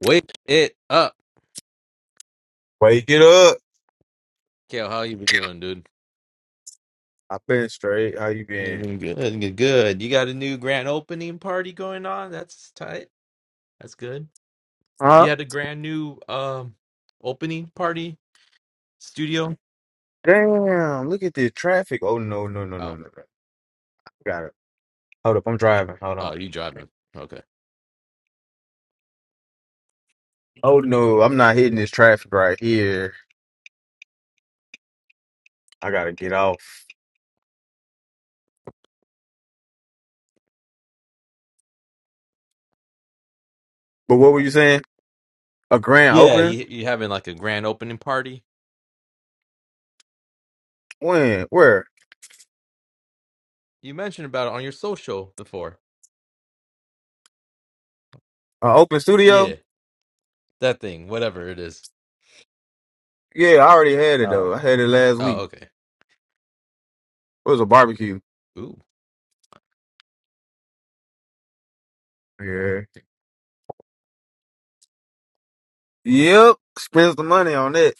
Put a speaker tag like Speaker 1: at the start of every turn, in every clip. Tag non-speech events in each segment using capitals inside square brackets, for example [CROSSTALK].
Speaker 1: Wake it up.
Speaker 2: Wake it up.
Speaker 1: Kale, how you been doing, dude?
Speaker 2: I been straight. How you
Speaker 1: It's
Speaker 2: been?
Speaker 1: been good. Good. good. You got a new grand opening party going on. That's tight. That's good.
Speaker 2: Huh?
Speaker 1: You had a grand new um opening party studio.
Speaker 2: Damn, look at this traffic. Oh no, no, no, no, no.
Speaker 1: Oh,
Speaker 2: no. Got it. Hold up, I'm driving. Hold on.
Speaker 1: oh, you driving? Okay.
Speaker 2: Oh no, I'm not hitting this traffic right here. I gotta get off. But what were you saying? A grand
Speaker 1: Yeah,
Speaker 2: opening?
Speaker 1: you you having like a grand opening party?
Speaker 2: When? Where?
Speaker 1: You mentioned about it on your social before.
Speaker 2: An open studio?
Speaker 1: Yeah, that thing, whatever it is.
Speaker 2: Yeah, I already had it
Speaker 1: Oh.
Speaker 2: though. I had it last
Speaker 1: Oh,
Speaker 2: week.
Speaker 1: okay.
Speaker 2: It was a barbecue.
Speaker 1: Ooh,
Speaker 2: Yeah. Yep. Spends the money on that.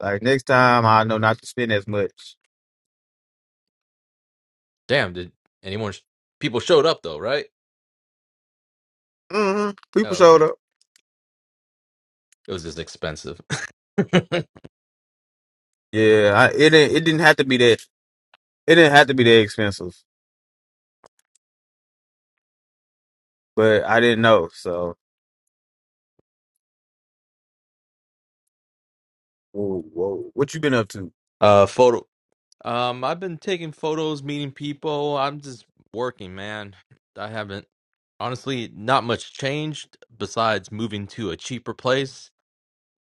Speaker 2: Like next time I know not to spend as much.
Speaker 1: damn. Did anyone? sh- People showed up though, right?
Speaker 2: Mm-hmm. People
Speaker 1: Oh,
Speaker 2: showed
Speaker 1: okay.
Speaker 2: up.
Speaker 1: It was just expensive. [LAUGHS]
Speaker 2: Yeah, I, it didn't. It didn't have to be that. It didn't have to be that expensive, but I didn't know. So, whoa, whoa. what you been up to?
Speaker 1: Uh, photo. Um, I've been taking photos, meeting people. I'm just working, man. I haven't, honestly, not much changed besides moving to a cheaper place.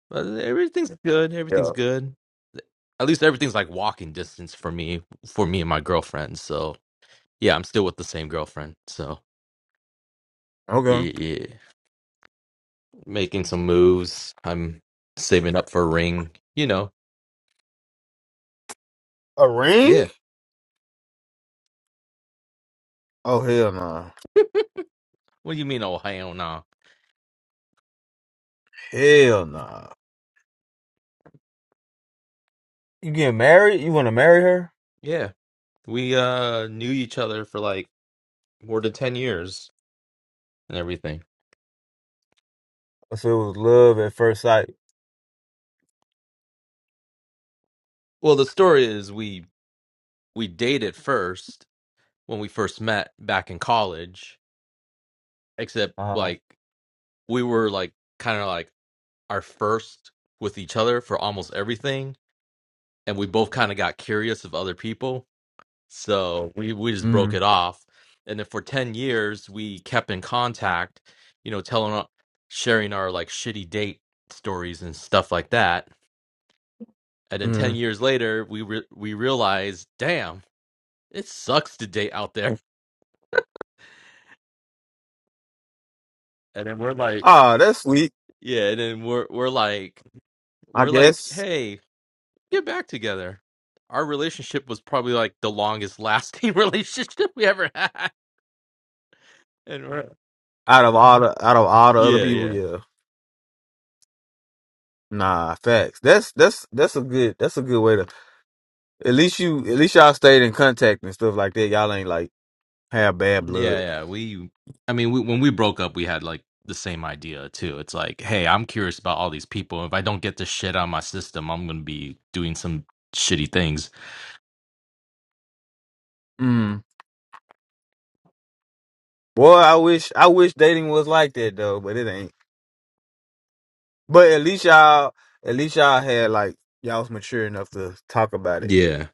Speaker 1: But everything's good. Everything's
Speaker 2: Yeah.
Speaker 1: good. At least everything's like walking distance for me, for me and my girlfriend. So yeah, I'm still with the same girlfriend. So
Speaker 2: Okay.
Speaker 1: yeah, yeah. making some moves. I'm saving up for a ring. You know,
Speaker 2: A ring?
Speaker 1: yeah.
Speaker 2: Oh hell nah.
Speaker 1: What do you mean, oh hell no?
Speaker 2: Hell nah. You getting married? You want to marry her?
Speaker 1: Yeah, we uh knew each other for like more than 10 years and everything
Speaker 2: So it was love at first sight.
Speaker 1: well the story is we we dated first when we first met back in college except
Speaker 2: Uh huh.
Speaker 1: like we were like kind of like our first with each other for almost everything and we both kind of got curious of other people so we we just broke
Speaker 2: Mm.
Speaker 1: it off and then for 10 years we kept in contact you know telling sharing our like shitty date stories and stuff like that and then 10
Speaker 2: Mm.
Speaker 1: years later we re- we realized damn It sucks to date out there. [LAUGHS] And then we're like,
Speaker 2: Ah, that's sweet.
Speaker 1: yeah, and then we're we're like,
Speaker 2: I
Speaker 1: we're like,
Speaker 2: guess
Speaker 1: hey, get back together. Our relationship was probably like the longest lasting [LAUGHS] relationship we ever had. And we're
Speaker 2: out of all the out of all the other
Speaker 1: yeah,
Speaker 2: people,
Speaker 1: yeah,
Speaker 2: yeah. Nah, facts. That's that's that's a good that's a good way to at least you at least y'all stayed in contact and stuff like that. Y'all ain't like have bad blood.
Speaker 1: yeah, yeah. We, I mean, we, when we broke up, we had like the same idea too. It's like, hey, I'm curious about all these people. If I don't get this shit out of my system, I'm gonna be doing some shitty things.
Speaker 2: Mm. Well, I wish I wish dating was like that though, but it ain't. But at least y'all at least y'all had like y'all was mature enough to talk about it.
Speaker 1: Yeah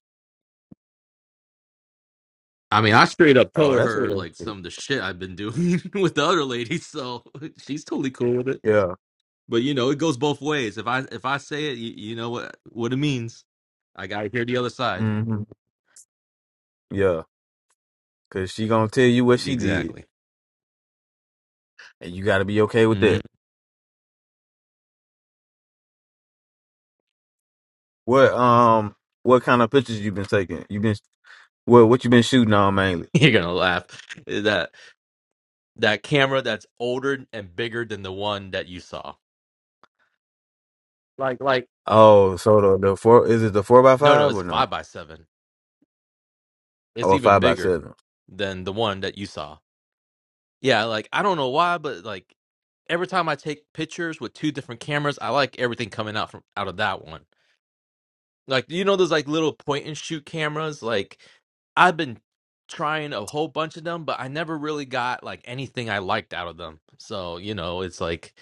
Speaker 1: I mean, I straight up
Speaker 2: Oh,
Speaker 1: told
Speaker 2: that's what.
Speaker 1: her
Speaker 2: it
Speaker 1: like
Speaker 2: is.
Speaker 1: some of the shit I've been doing [LAUGHS] with the other lady, so [LAUGHS] she's totally cool with it.
Speaker 2: Yeah.
Speaker 1: But you know, it goes both ways. If I if I say it, you, you know what what it means. I gotta hear the other side.
Speaker 2: hmm Yeah. Cause she gonna tell you what she did,
Speaker 1: Exactly.
Speaker 2: and you gotta be okay with
Speaker 1: Mhm.
Speaker 2: that. What um what kind of pictures you been taking? You been what what you been shooting on mainly?
Speaker 1: [LAUGHS] You're gonna laugh. That that camera that's older and bigger than the one that you saw. Like like
Speaker 2: Oh, so the the four is it the four by
Speaker 1: no no,
Speaker 2: five
Speaker 1: it's
Speaker 2: or no
Speaker 1: five by seven. It's
Speaker 2: or a
Speaker 1: even
Speaker 2: five by
Speaker 1: bigger
Speaker 2: seven?
Speaker 1: than the one that you saw. Yeah, like I don't know why, but like every time I take pictures with two different cameras, I like everything coming out from out of that one. Like you know those like little point and shoot cameras, like I've been trying a whole bunch of them, but I never really got like anything I liked out of them. So, you know, it's like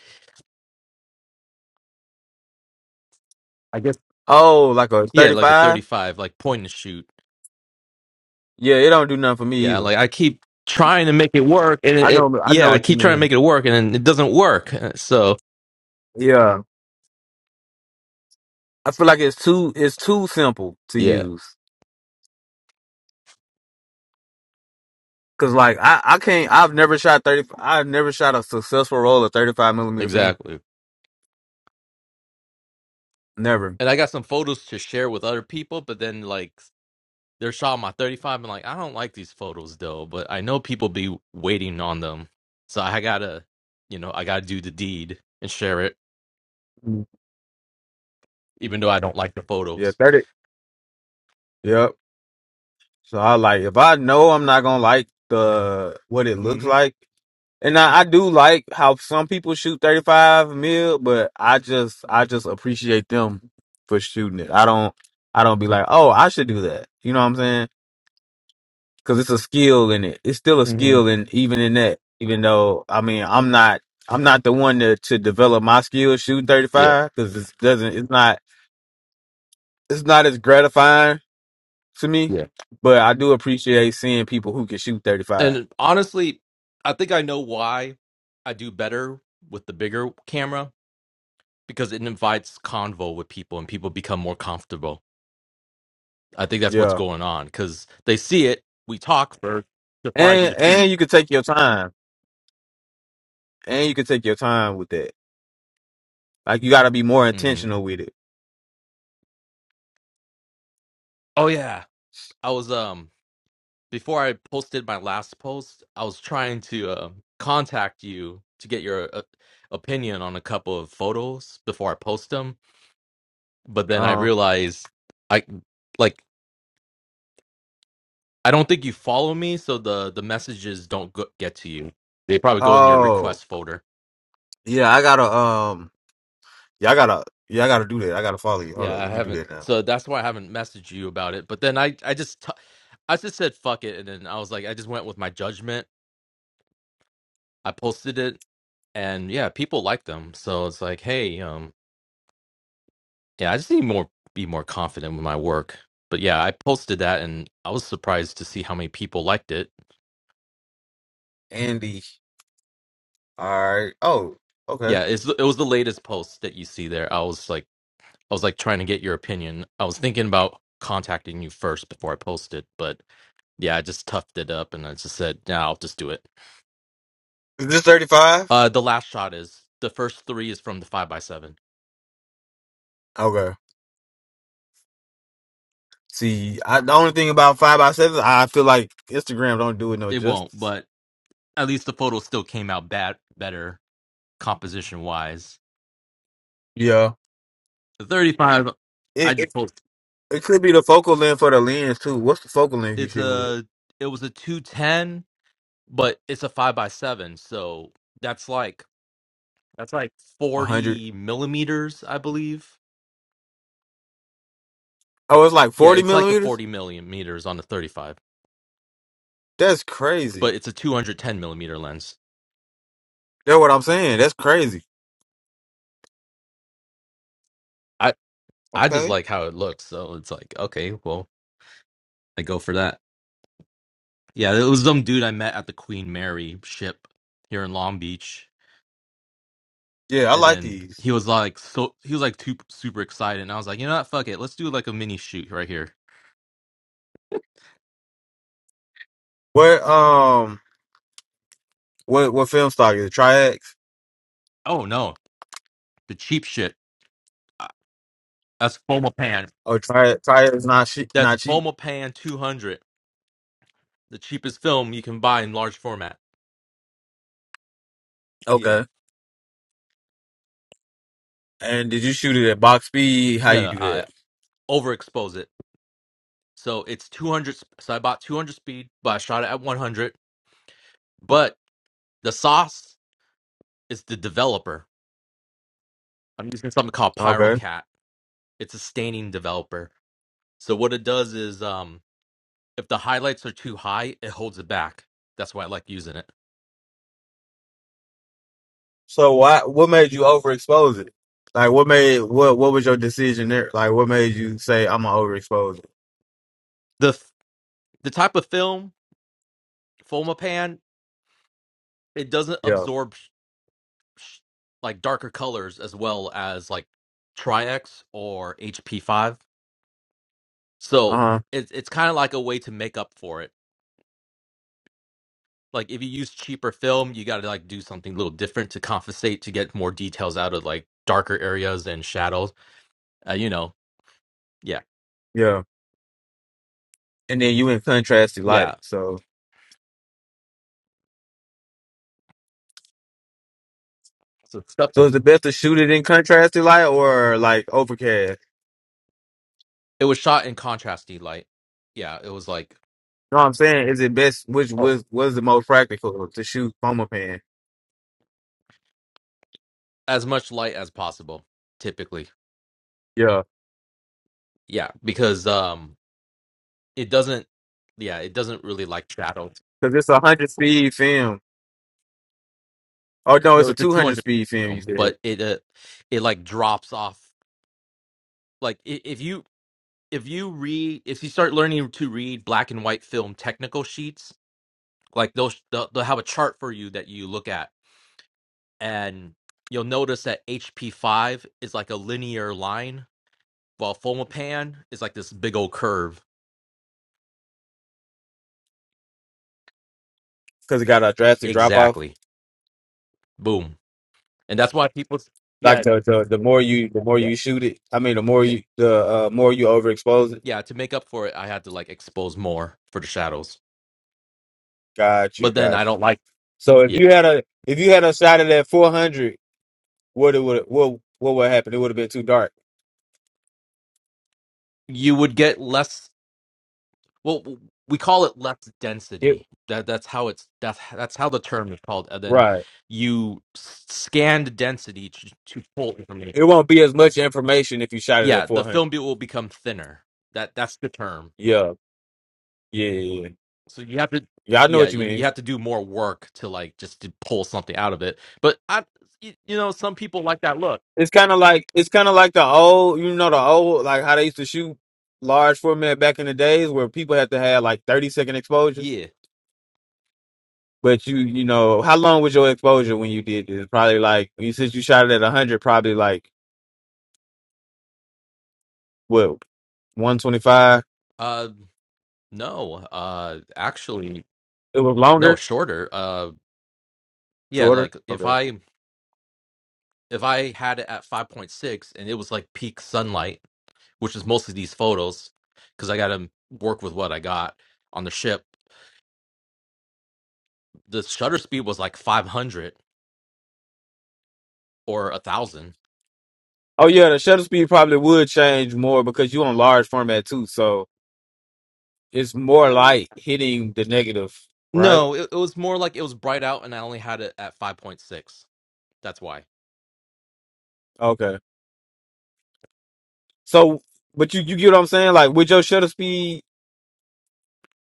Speaker 1: I guess
Speaker 2: Oh, like a
Speaker 1: yeah,
Speaker 2: thirty
Speaker 1: like a
Speaker 2: five?
Speaker 1: 35 like point and shoot.
Speaker 2: Yeah, it don't do nothing for me
Speaker 1: Yeah,
Speaker 2: either.
Speaker 1: like I keep trying to make it work and it,
Speaker 2: I
Speaker 1: it
Speaker 2: know I know
Speaker 1: yeah, I
Speaker 2: what you
Speaker 1: keep trying to
Speaker 2: mean.
Speaker 1: make it work and then it doesn't work. [LAUGHS] So,
Speaker 2: Yeah, I feel like it's too it's too simple to
Speaker 1: yeah,
Speaker 2: use. Cause like I I can't I've never shot thirty I've never shot a successful roll of thirty five millimeter film.
Speaker 1: exactly.
Speaker 2: Never.
Speaker 1: and I got some photos to share with other people, but then like they're shot my 35 and like I don't like these photos though, but I know people be waiting on them. So I gotta, you know, I gotta do the deed and share it,
Speaker 2: Mm.
Speaker 1: even though I don't like the
Speaker 2: Yeah,
Speaker 1: photos.
Speaker 2: thirty. Yep. So I like if I know I'm not gonna like the what it looks
Speaker 1: hmm
Speaker 2: like, and I, I do like how some people shoot thirty five mil, but I just I just appreciate them for shooting it.
Speaker 1: Yeah.
Speaker 2: I don't I don't be like oh I should do that. You know what I'm saying? because it's a skill in it. It's still a
Speaker 1: hmm
Speaker 2: skill, and even in that, even though I mean, I'm not, I'm not the one to to develop my skill shooting
Speaker 1: Yeah.
Speaker 2: 35 because it doesn't, it's not, it's not as gratifying to me.
Speaker 1: Yeah.
Speaker 2: But I do appreciate seeing people who can shoot 35.
Speaker 1: And honestly, I think I know why I do better with the bigger camera because it invites convo with people and people become more comfortable. I think that's what's
Speaker 2: Yeah,
Speaker 1: going on because they see it. We talk first before I do
Speaker 2: and
Speaker 1: the shoot
Speaker 2: and you can take your time, and you can take your time with that. Like you got to be more
Speaker 1: hmm
Speaker 2: intentional with it.
Speaker 1: Oh yeah, I was um before I posted my last post, I was trying to um contact you to get your uh, opinion on a couple of photos before I post them, but then I
Speaker 2: Um.
Speaker 1: realized I like I don't think you follow me, so the the messages don't go- get to you. They probably go in your
Speaker 2: Oh,
Speaker 1: request folder.
Speaker 2: yeah. I gotta. Um. Yeah. I gotta. Yeah. I gotta do that. I gotta follow you. Hold
Speaker 1: Yeah,
Speaker 2: up.
Speaker 1: I
Speaker 2: Let me do
Speaker 1: haven't.
Speaker 2: that now.
Speaker 1: So that's why I haven't messaged you about it. But then I I just t- I just said fuck it, and then I was like I just went with my judgment. I posted it and yeah, people like them. So it's like, hey, um, yeah, I just need more be more confident with my work. But yeah, I posted that, and I was surprised to see how many people liked it.
Speaker 2: Andy. All right. Oh, okay.
Speaker 1: Yeah, it's it was the latest post that you see there. I was like, I was like trying to get your opinion. I was thinking about contacting you first before I posted, but yeah, I just toughed it up, and I just said, nah, I'll just do it.
Speaker 2: Is this 35?
Speaker 1: Uh, the last shot is the first three is from the five by seven.
Speaker 2: Okay. See, I, the only thing about five by seven, I feel like Instagram don't do it no
Speaker 1: It won't,
Speaker 2: justice.
Speaker 1: but at least the photo still came out bad better composition wise
Speaker 2: Yeah.
Speaker 1: The 35, I
Speaker 2: It
Speaker 1: just
Speaker 2: it,
Speaker 1: posted.
Speaker 2: it could be the focal length for the lens too. What's the focal length you
Speaker 1: It's
Speaker 2: shoot with?
Speaker 1: a it was a 210, but it's a 5 by 7, so that's like that's like
Speaker 2: A hundred.
Speaker 1: 40 millimeters, I believe.
Speaker 2: Oh, it's like
Speaker 1: Yeah,
Speaker 2: forty
Speaker 1: it's like a
Speaker 2: millimeters.
Speaker 1: 40 millimeters on the 35,
Speaker 2: That's
Speaker 1: but
Speaker 2: crazy.
Speaker 1: it's a 210 millimeter lens.
Speaker 2: That's what I'm saying. That's crazy.
Speaker 1: I I just
Speaker 2: Okay.
Speaker 1: like how it looks, so it's like, okay, well, I go for that. Yeah, it was some dude I met at the Queen Mary ship here in Long Beach.
Speaker 2: Yeah, I
Speaker 1: and
Speaker 2: like
Speaker 1: then
Speaker 2: these.
Speaker 1: he was like so he was like too, super excited and i was like you know what fuck it let's do like a mini shoot right here
Speaker 2: What um, what what film stock is it? Tri-X?
Speaker 1: oh no the cheap shit Uh, that's fomapan
Speaker 2: Oh, tri Tri-X not cheap.
Speaker 1: that's
Speaker 2: Not cheap.
Speaker 1: fomapan 200 the cheapest film you can buy in large format yeah
Speaker 2: Okay. And did you shoot it at box speed? How
Speaker 1: no
Speaker 2: you
Speaker 1: no
Speaker 2: do that?
Speaker 1: i overexpose it so it's 200 so i bought 200 speed but i shot it at 100 but the sauce is the developer i'm using something called
Speaker 2: Okay.
Speaker 1: pyrocat it's a staining developer so what it does is um if the highlights are too high, it holds it back. That's why I like using it.
Speaker 2: So why? What made you overexpose it? Like, what made what? What was your decision there? Like, what made you say I'm gonna overexpose it?
Speaker 1: The f- the type of film, Foma pan, it doesn't
Speaker 2: Yeah.
Speaker 1: absorb sh- sh- like darker colors as well as like Tri-X or HP5.
Speaker 2: Uh
Speaker 1: So
Speaker 2: huh.
Speaker 1: it's it's kind of like a way to make up for it. Like if you use cheaper film, you got to like do something a little different to compensate to get more details out of like darker areas and shadows. Uh, you know, yeah,
Speaker 2: Yeah. And then you in contrasty light.
Speaker 1: yeah.
Speaker 2: So,
Speaker 1: So stuff
Speaker 2: so
Speaker 1: like
Speaker 2: is it best to shoot it in contrasty light or like overcast?
Speaker 1: it was shot in contrasty light. Yeah, it was like
Speaker 2: You know what I'm saying? Is it best? Which was was the most practical to shoot foam pan?
Speaker 1: as much light as possible typically
Speaker 2: Yeah,
Speaker 1: yeah because um it doesn't yeah it doesn't really like shadows
Speaker 2: because it's a hundred speed film. Oh no,
Speaker 1: no
Speaker 2: it's a
Speaker 1: it's a
Speaker 2: two hundred
Speaker 1: 200
Speaker 2: speed film. You
Speaker 1: film
Speaker 2: said
Speaker 1: but it uh, it like drops off like i- if you if you read if you start learning to read black and white film technical sheets like they'll they'll, they'll have a chart for you that you look at and you'll notice that hp5 is like a linear line while fomapan is like this big old curve
Speaker 2: because it got a drastic drop off.
Speaker 1: exactly boom and that's why people
Speaker 2: Like
Speaker 1: yeah
Speaker 2: the, the the more you the more
Speaker 1: Yeah.
Speaker 2: you shoot it, I mean the more you the uh, more you overexpose it.
Speaker 1: yeah, to make up for it, I had to like expose more for the shadows.
Speaker 2: Got you,
Speaker 1: But then
Speaker 2: got
Speaker 1: I
Speaker 2: you.
Speaker 1: don't like
Speaker 2: So if
Speaker 1: yeah.
Speaker 2: you had a if you had a shot at that four hundred, what it would what what would happen? It would have been too dark.
Speaker 1: You would get less. Well, we call it less
Speaker 2: It,
Speaker 1: density. That that's how it's that's that's how the term is called. And then
Speaker 2: right.
Speaker 1: you scan the density to, to pull information.
Speaker 2: It won't be as much information if you shot it at
Speaker 1: Yeah,
Speaker 2: four
Speaker 1: the
Speaker 2: hundred.
Speaker 1: film be- will become thinner. That that's the term.
Speaker 2: Yeah, yeah, yeah. Yeah,
Speaker 1: So you have to
Speaker 2: Yeah, I know
Speaker 1: yeah,
Speaker 2: what you
Speaker 1: and
Speaker 2: mean.
Speaker 1: you have to do more work to like just to pull something out of it. But I, you you know, some people like that look.
Speaker 2: It's kind of like it's kind of like the old, you know, the old like how they used to shoot large format back in the days where people had to have like thirty second exposures.
Speaker 1: Yeah.
Speaker 2: But you, you know, how long was your exposure when you did this? Probably like you said you shot it at a hundred. Probably like what one twenty five.
Speaker 1: Uh, No, uh actually
Speaker 2: It was
Speaker 1: no,
Speaker 2: longer,
Speaker 1: shorter. Uh yeah,
Speaker 2: shorter.
Speaker 1: like if
Speaker 2: Okay.
Speaker 1: I if I had it at 5.6 and it was like peak sunlight, which is mostly these photos cuz I got to work with what I got on the ship, the shutter speed was like 500 or a 1000.
Speaker 2: Oh yeah, the shutter speed probably would change more because you on large format too, so it's more
Speaker 1: Uh,
Speaker 2: light hitting the negative, right?
Speaker 1: No, it, it was more like it was bright out and I only had it at 5.6. That's why.
Speaker 2: Okay. So, but you you get what I'm saying? Like with your shutter speed,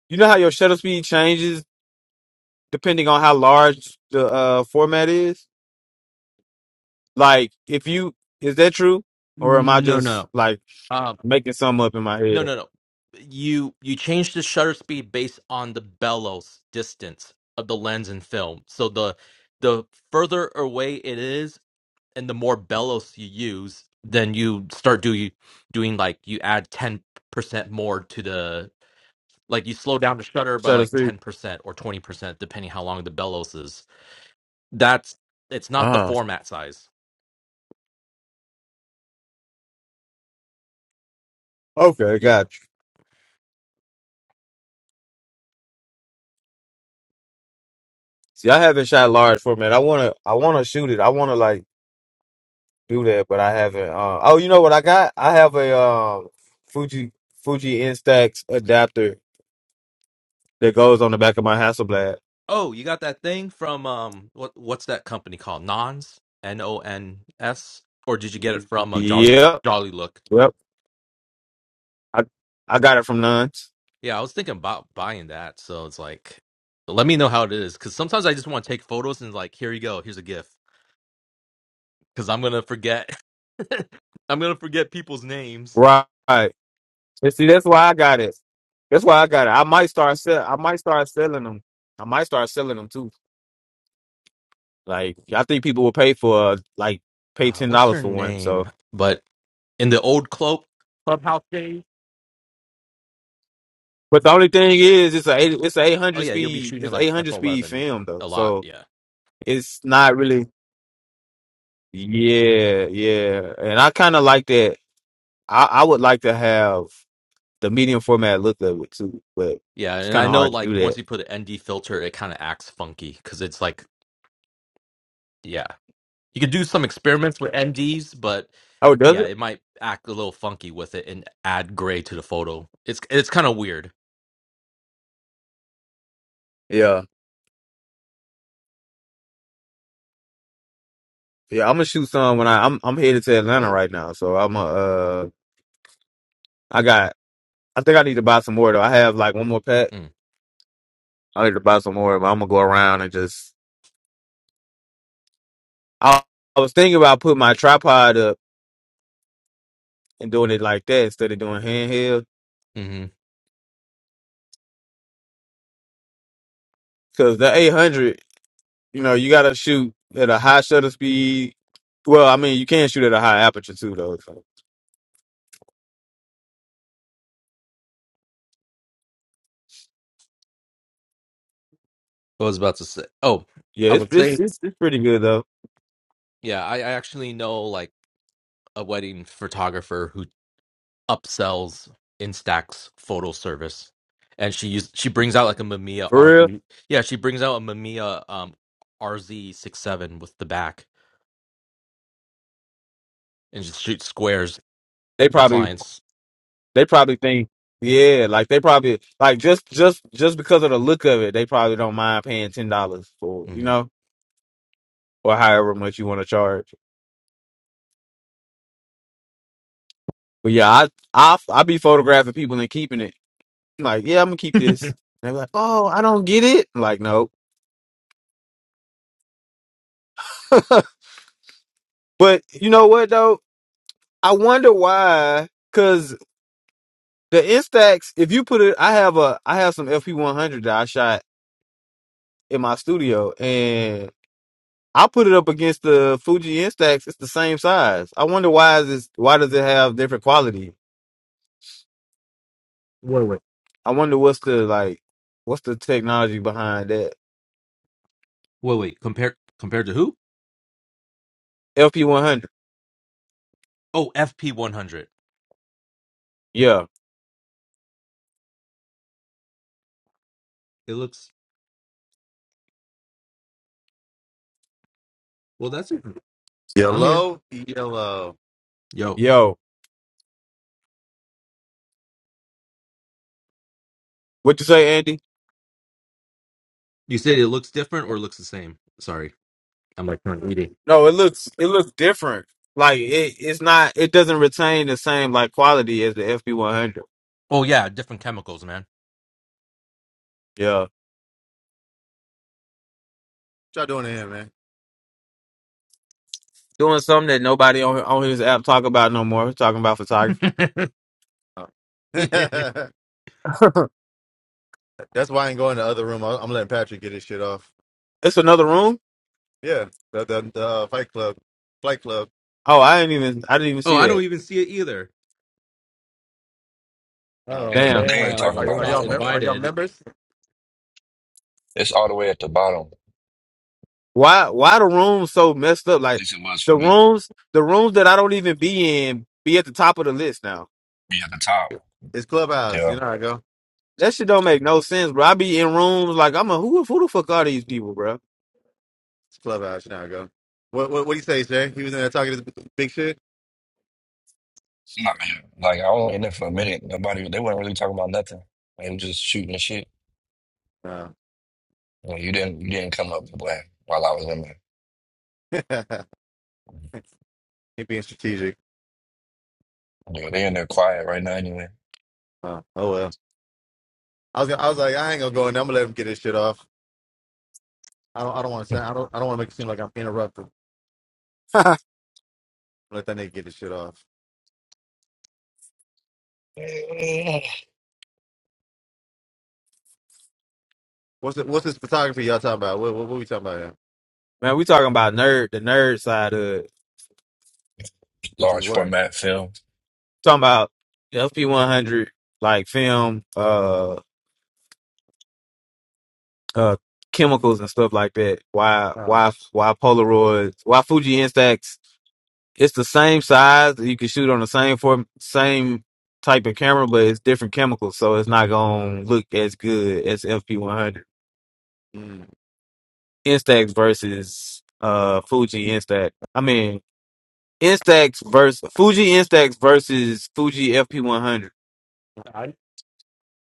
Speaker 2: you know how your shutter speed changes depending on how large the uh format is. Like if you is that true, or am I
Speaker 1: no,
Speaker 2: just
Speaker 1: no.
Speaker 2: like making something up in my
Speaker 1: No,
Speaker 2: head.
Speaker 1: no, no. You you change the shutter speed based on the bellows distance of the lens and film. So the the further away it is, and the more bellows you use, then you start do doing like you add ten percent more to the like you slow down the shutter by
Speaker 2: Shutter
Speaker 1: like
Speaker 2: Speed.
Speaker 1: ten percent or twenty percent depending how long the bellows is. That's it's not the
Speaker 2: Uh-huh.
Speaker 1: format size.
Speaker 2: Okay,
Speaker 1: Yeah.
Speaker 2: got you. See, I haven't shot large format. I wanna, I wanna shoot it. I wanna like do that, but I haven't. Uh, oh, you know what I got? I have a um Fuji Fuji Instax adapter that goes on the back of my Hasselblad.
Speaker 1: Oh, you got that thing from um what what's that company called? Nons? N O N S? Or did you get it from a Jolly
Speaker 2: Yep,
Speaker 1: Jolly Look?
Speaker 2: yep. I I got it from Nuns.
Speaker 1: Yeah, I was thinking about buying that. So it's like let me know how it is cuz sometimes I just want to take photos and like here you go, here's a gift cuz I'm going to forget [LAUGHS] I'm going to forget people's names.
Speaker 2: Right. And see, that's why I got it. That's why I got it. I might start sell. I might start selling them. I might start selling them too. Like I think people will pay for like pay
Speaker 1: Uh
Speaker 2: ten
Speaker 1: what's
Speaker 2: dollars
Speaker 1: her
Speaker 2: for one. So,
Speaker 1: name? But in the old club clubhouse days.
Speaker 2: but the only thing is, it's a eight, it's a eight
Speaker 1: Oh
Speaker 2: hundred
Speaker 1: yeah, you'll be
Speaker 2: speed
Speaker 1: shooting
Speaker 2: it's eight
Speaker 1: like
Speaker 2: hundred speed
Speaker 1: F11
Speaker 2: film though.
Speaker 1: a lot.
Speaker 2: So
Speaker 1: Yeah.
Speaker 2: it's not really yeah yeah. And I kind of like that. I I would like to have the medium format look of it too, but
Speaker 1: Yeah,
Speaker 2: it's
Speaker 1: and
Speaker 2: kind
Speaker 1: I
Speaker 2: of
Speaker 1: know
Speaker 2: hard to
Speaker 1: like
Speaker 2: do
Speaker 1: once
Speaker 2: that.
Speaker 1: you put an ND filter, it kind of acts funky because it's like, yeah, you could do some experiments with NDs, but
Speaker 2: Oh, does
Speaker 1: yeah,
Speaker 2: it?
Speaker 1: it might act a little funky with it and add gray to the photo. It's it's kind of weird.
Speaker 2: Yeah yeah. I'm gonna shoot some when I I'm I'm headed to Atlanta
Speaker 1: Oh.
Speaker 2: right now. So I'm a uh I got I think I need to buy some more though. I have like one more pack.
Speaker 1: Mm.
Speaker 2: I need to buy some more, but I'm gonna go around and just I, I was thinking about putting my tripod up and doing it like that instead of doing handheld.
Speaker 1: hmm mm-hmm.
Speaker 2: Because the 800, you know, you got to shoot at a high shutter speed. Well, I mean, you can shoot at a high aperture too, though. So,
Speaker 1: I was about to say. Oh,
Speaker 2: yeah,
Speaker 1: I
Speaker 2: it's,
Speaker 1: would
Speaker 2: it's
Speaker 1: say,
Speaker 2: it's it's pretty good though.
Speaker 1: yeah, I, I actually know like a wedding photographer who upsells Instax photo service, and she use she brings out like a Mamiya
Speaker 2: For
Speaker 1: R.
Speaker 2: real,
Speaker 1: Yeah, she brings out a Mamiya um RZ seven with the back and just shoots squares
Speaker 2: they
Speaker 1: for
Speaker 2: probably
Speaker 1: clients.
Speaker 2: they probably think yeah, like they probably like just just just because of the look of it, they probably don't mind paying ten dollars for it, you
Speaker 1: hmm [LAUGHS]
Speaker 2: know or however much you want to charge. But yeah, I I I be photographing people and keeping it. like, yeah, I'm gonna keep this. And they're like, oh, I don't get it. I'm like, no. [LAUGHS] But you know what though? I wonder why. Cause the Instax, if you put it, I have a, I have some FP100 that I shot in my studio, and I put it up against the Fuji Instax. It's the same size. I wonder why is this? Why does it have different quality?
Speaker 1: Wait, wait.
Speaker 2: I wonder what's the like, what's the technology behind that
Speaker 1: Wait, wait. Compared compared to who?
Speaker 2: FP100?
Speaker 1: Oh, FP 100.
Speaker 2: Yeah,
Speaker 1: It looks well. That's it. I'm here.
Speaker 3: Yellow, yellow. What
Speaker 1: Yo,
Speaker 2: yo, what you say, Andy?
Speaker 1: you said it looks different or it looks the same? Sorry, I'm Like not eating.
Speaker 2: No, it looks it looks different. Like it, it's not. It doesn't retain the same like quality as the FP one hundred.
Speaker 1: Oh yeah, different chemicals, man.
Speaker 2: Yeah,
Speaker 3: y'all doing in here, man?
Speaker 2: doing something that nobody on on his app talk about no more. Talking about
Speaker 1: [LAUGHS]
Speaker 2: photography.
Speaker 3: Oh.
Speaker 2: [LAUGHS]
Speaker 3: [LAUGHS] That's why I ain't going to the other room. I- I'm letting Patrick get his shit off.
Speaker 2: it's another room.
Speaker 3: Yeah, the the, the uh, Fight Club, Fight Club.
Speaker 2: Oh, I didn't even I didn't even
Speaker 1: oh,
Speaker 2: see
Speaker 1: I don't
Speaker 2: that.
Speaker 1: even see it either.
Speaker 3: Oh,
Speaker 1: Oh
Speaker 2: Damn.
Speaker 3: are,
Speaker 4: They
Speaker 3: are,
Speaker 4: ain't
Speaker 3: are,
Speaker 4: talking
Speaker 1: damn,
Speaker 3: are
Speaker 1: we're
Speaker 4: about
Speaker 3: are
Speaker 1: not
Speaker 3: y'all
Speaker 4: nothing in
Speaker 3: mem-
Speaker 4: there.
Speaker 3: are y'all
Speaker 1: invited.
Speaker 3: members?
Speaker 4: It's all the way at the bottom. At
Speaker 2: Why why the rooms so messed up? Like
Speaker 4: least it was for
Speaker 2: the
Speaker 4: me.
Speaker 2: rooms the rooms that I don't even be in be at the top of the list now.
Speaker 4: Be at the top.
Speaker 3: It's Clubhouse.
Speaker 4: Yeah.
Speaker 3: You know how I go.
Speaker 2: That shit don't make no sense, bro. I be in rooms like I'm a who who the fuck are these people, bro?
Speaker 3: It's Clubhouse. You know how I go. What what what do you say, Jay? He was in there talking his big shit.
Speaker 4: Not man. Like I was in there for a minute. Nobody they weren't really talking about nothing. They were just shooting the shit.
Speaker 3: No,
Speaker 4: Well, you didn't you didn't come up black while I was in there.
Speaker 3: [LAUGHS] he being strategic.
Speaker 4: Yeah, they in there quiet right now anyway.
Speaker 3: Oh, oh well. I was gonna, I was like I ain't gonna go in. there. I'm gonna let him get his shit off. I don't I don't want to say I don't I don't want to make it seem like I'm interrupting.
Speaker 2: [LAUGHS] Man,
Speaker 3: Let that nigga get his shit off.
Speaker 4: [LAUGHS]
Speaker 3: What's the, what's this photography y'all talking about? What what, what we talking about? Here?
Speaker 2: we talking about nerd the nerd side of it.
Speaker 3: Which is
Speaker 4: Large
Speaker 3: what?
Speaker 4: format film.
Speaker 2: talking about the FP100 like film uh uh chemicals and stuff like that. Why
Speaker 3: Uh,
Speaker 2: why why Polaroids? Why Fuji Instax? It's the same size. You can shoot on the same form, same type of camera, but it's different chemicals, so it's not gonna look as good as FP100
Speaker 3: mm.
Speaker 2: Instax versus uh Fuji Instax. I mean Instax versus Fuji Instax versus Fuji FP100
Speaker 1: I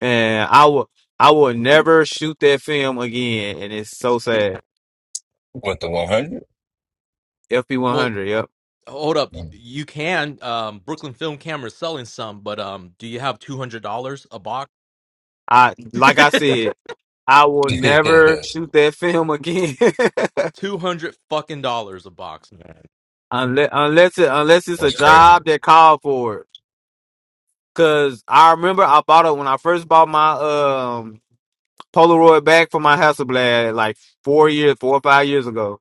Speaker 2: And I will I will never shoot that film again. And it's so sad.
Speaker 4: What the one hundred?
Speaker 2: FP one
Speaker 1: Well,
Speaker 2: hundred,
Speaker 1: ho-
Speaker 2: yep.
Speaker 1: hold up. You,
Speaker 4: [LAUGHS]
Speaker 1: you can. Um, Brooklyn Film Camera is selling some, but um, do you have two hundred dollars a box?
Speaker 2: I like I
Speaker 1: [LAUGHS]
Speaker 2: said, I will never shoot that film again.
Speaker 1: two hundred fucking dollars a box.
Speaker 2: [LAUGHS] unless unless it, unless it's a
Speaker 4: That's crazy.
Speaker 2: job that called for it. Cause I remember I bought it when I first bought my um Polaroid back for my Hasselblad like four years, four or five years ago.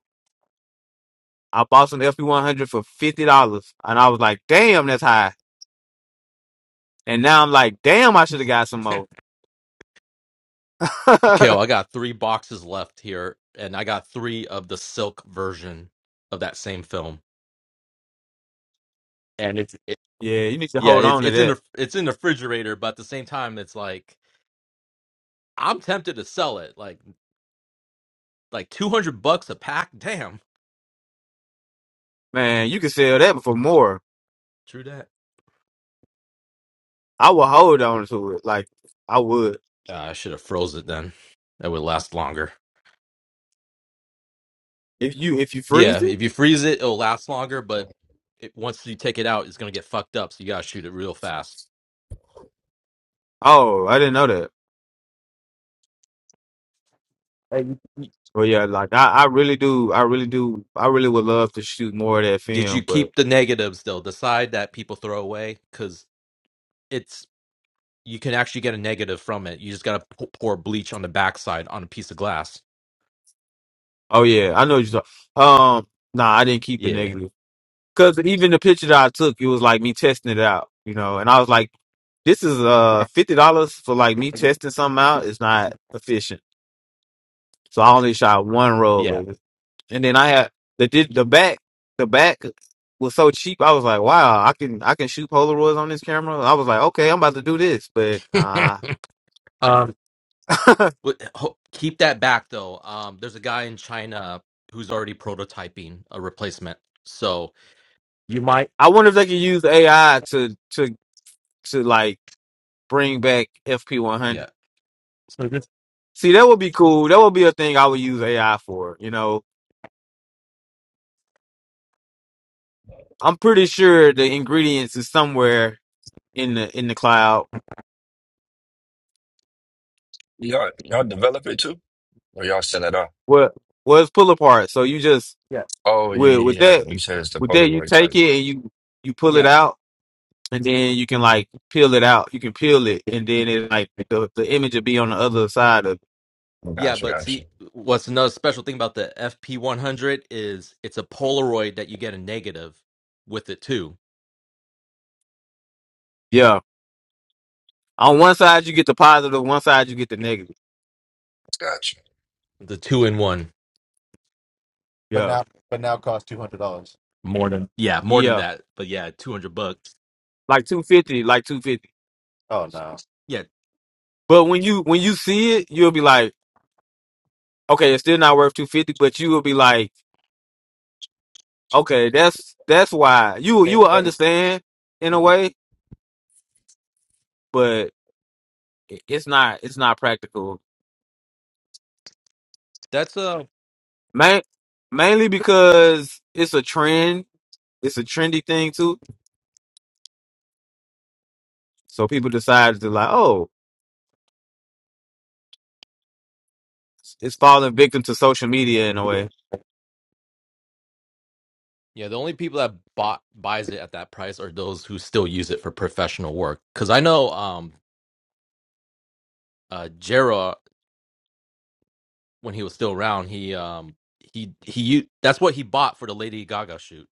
Speaker 2: I bought some FP one hundred for fifty dollars, and I was like, "Damn, that's high." And now I'm like, "Damn, I should have got some more."
Speaker 1: [LAUGHS]
Speaker 2: [LAUGHS]
Speaker 1: Kale, I got three boxes left here, and I got three of the silk version of that same film. and it's It,
Speaker 2: Yeah, you need to
Speaker 1: yeah,
Speaker 2: hold
Speaker 1: it's
Speaker 2: on to
Speaker 1: it's in
Speaker 2: that.
Speaker 1: the it's in the refrigerator, but at the same time, it's like I'm tempted to sell it. Like like two hundred bucks a pack. Damn.
Speaker 2: Man, you can sell that for more.
Speaker 1: True
Speaker 2: I would hold on to it. Like I would.
Speaker 1: Uh, I should have froze it then. That would last longer.
Speaker 2: If you if you freeze
Speaker 1: Yeah,
Speaker 2: it?
Speaker 1: if you freeze it, it'll last longer, but it, once you take it out, it's going to get fucked up, so you got to shoot it real fast.
Speaker 2: Oh, I didn't know that.
Speaker 1: Uh, you- you-
Speaker 2: But yeah, like I, I really do I really do I really would love to shoot more of that
Speaker 1: Did
Speaker 2: film,
Speaker 1: you
Speaker 2: but
Speaker 1: keep the negatives, though? The side that people throw away? Because it's you can actually get a negative from it. You just got to pour bleach on the backside on a piece of glass.
Speaker 2: oh yeah, I know what you're talking. Um nah, I didn't keep the
Speaker 1: Yeah,
Speaker 2: negative. Cause even the picture that I took, it was like me testing it out, you know, and I was like, this is uh fifty dollars for like me testing something out is not efficient. So I only shot one roll
Speaker 1: yeah.
Speaker 2: of it. And then I had the did the back the back was so cheap. I was like, wow, I can I can shoot Polaroids on this camera. I was like, okay, I'm about to do this, but
Speaker 1: [LAUGHS]
Speaker 2: nah.
Speaker 1: um,
Speaker 2: [LAUGHS] I
Speaker 1: but ho- keep that back, though. Um, there's a guy in China who's already prototyping a replacement. So you might.
Speaker 2: wonder if they can use AI to to to like bring back FP100.
Speaker 1: Yeah. So this,
Speaker 2: See, that would be cool. That would be a thing I would use AI for. You know, I'm pretty sure the ingredients is somewhere in the in the cloud.
Speaker 4: Y'all y'all develop it too? Or y'all send it off?
Speaker 2: What well, well, it's pull apart. So you just
Speaker 1: yeah,
Speaker 4: Oh yeah,
Speaker 2: with with
Speaker 4: yeah, yeah.
Speaker 2: that
Speaker 4: You said it's the
Speaker 2: with that you
Speaker 4: Polaroid
Speaker 2: take
Speaker 4: type.
Speaker 2: it and you you pull it
Speaker 1: Yeah,
Speaker 2: out and then you can like peel it out you can peel it and then it like the, the image will be on the other side of
Speaker 1: yeah,
Speaker 4: Gotcha,
Speaker 1: but
Speaker 4: gotcha.
Speaker 1: see, what's another special thing about the FP100 is it's a Polaroid that you get a negative with it too.
Speaker 2: yeah on one side you get the positive one side you get the negative
Speaker 4: Gotcha.
Speaker 1: The two in one.
Speaker 3: But
Speaker 2: yeah
Speaker 3: now but now costs two hundred dollars.
Speaker 1: More than yeah, more than
Speaker 2: yeah
Speaker 1: that. But yeah, 200 bucks.
Speaker 2: like 250 like 250
Speaker 3: Oh no.
Speaker 1: Yeah,
Speaker 2: but when you when you see it you'll be like okay it's still not worth 250 but you will be like okay that's that's why you you will
Speaker 3: Does
Speaker 2: understand in a way but it- it's not it's not practical
Speaker 1: that's uh
Speaker 2: Main, mainly because it's a trend. It's a trendy thing too. So people decided to like, oh, it's falling victim to social media in a way.
Speaker 1: yeah, the only people that bought buys it at that price are those who still use it for professional work. Cuz I know um uh Jera when he was still around, he um he he u- that's what he bought for the Lady Gaga shoot.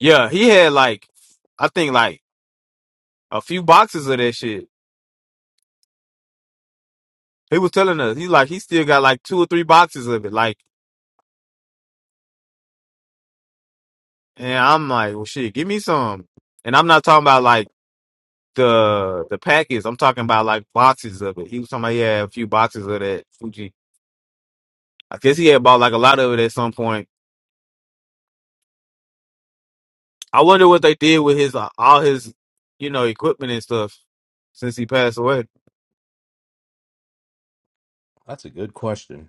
Speaker 2: Yeah, he had like, I think like a few boxes of that shit. He was telling us, he's like, he still got like two or three boxes of it. Like, and I'm like, well, shit, give me some. And I'm not talking about like the the packets. I'm talking about like boxes of it. He was talking about he had a few boxes of that Fuji. I guess he had bought like a lot of it at some point I wonder what they did with his uh, all his, you know, equipment and stuff since he passed away.
Speaker 1: That's a good question.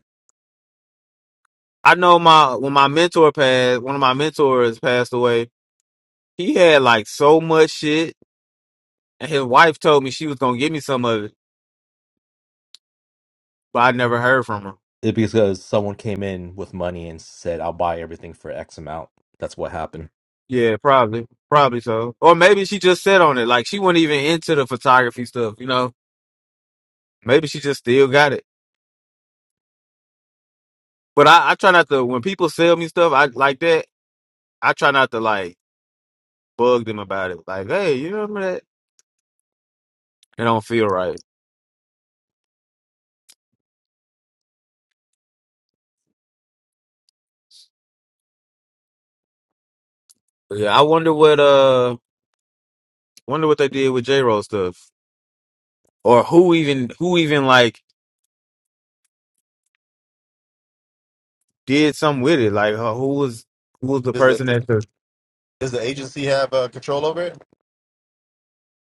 Speaker 2: I know my when my mentor passed, one of my mentors passed away. He had like so much shit, and his wife told me she was gonna give me some of it, but I never heard from her.
Speaker 1: It because someone came in with money and said, "I'll buy everything for X amount." That's what happened.
Speaker 2: Yeah, probably, probably so, or maybe she just sat on it. Like she wasn't even into the photography stuff, you know. Maybe she just still got it. But I, I try not to. When people sell me stuff, I like that. I try not to like bug them about it. Like, hey, you remember that? It don't feel right. Yeah, I wonder what uh wonder what they did with J Roll stuff. Or who even who even like did something with it. Like uh, who was who was the person
Speaker 3: the
Speaker 2: that took
Speaker 3: does the agency have uh, control over it?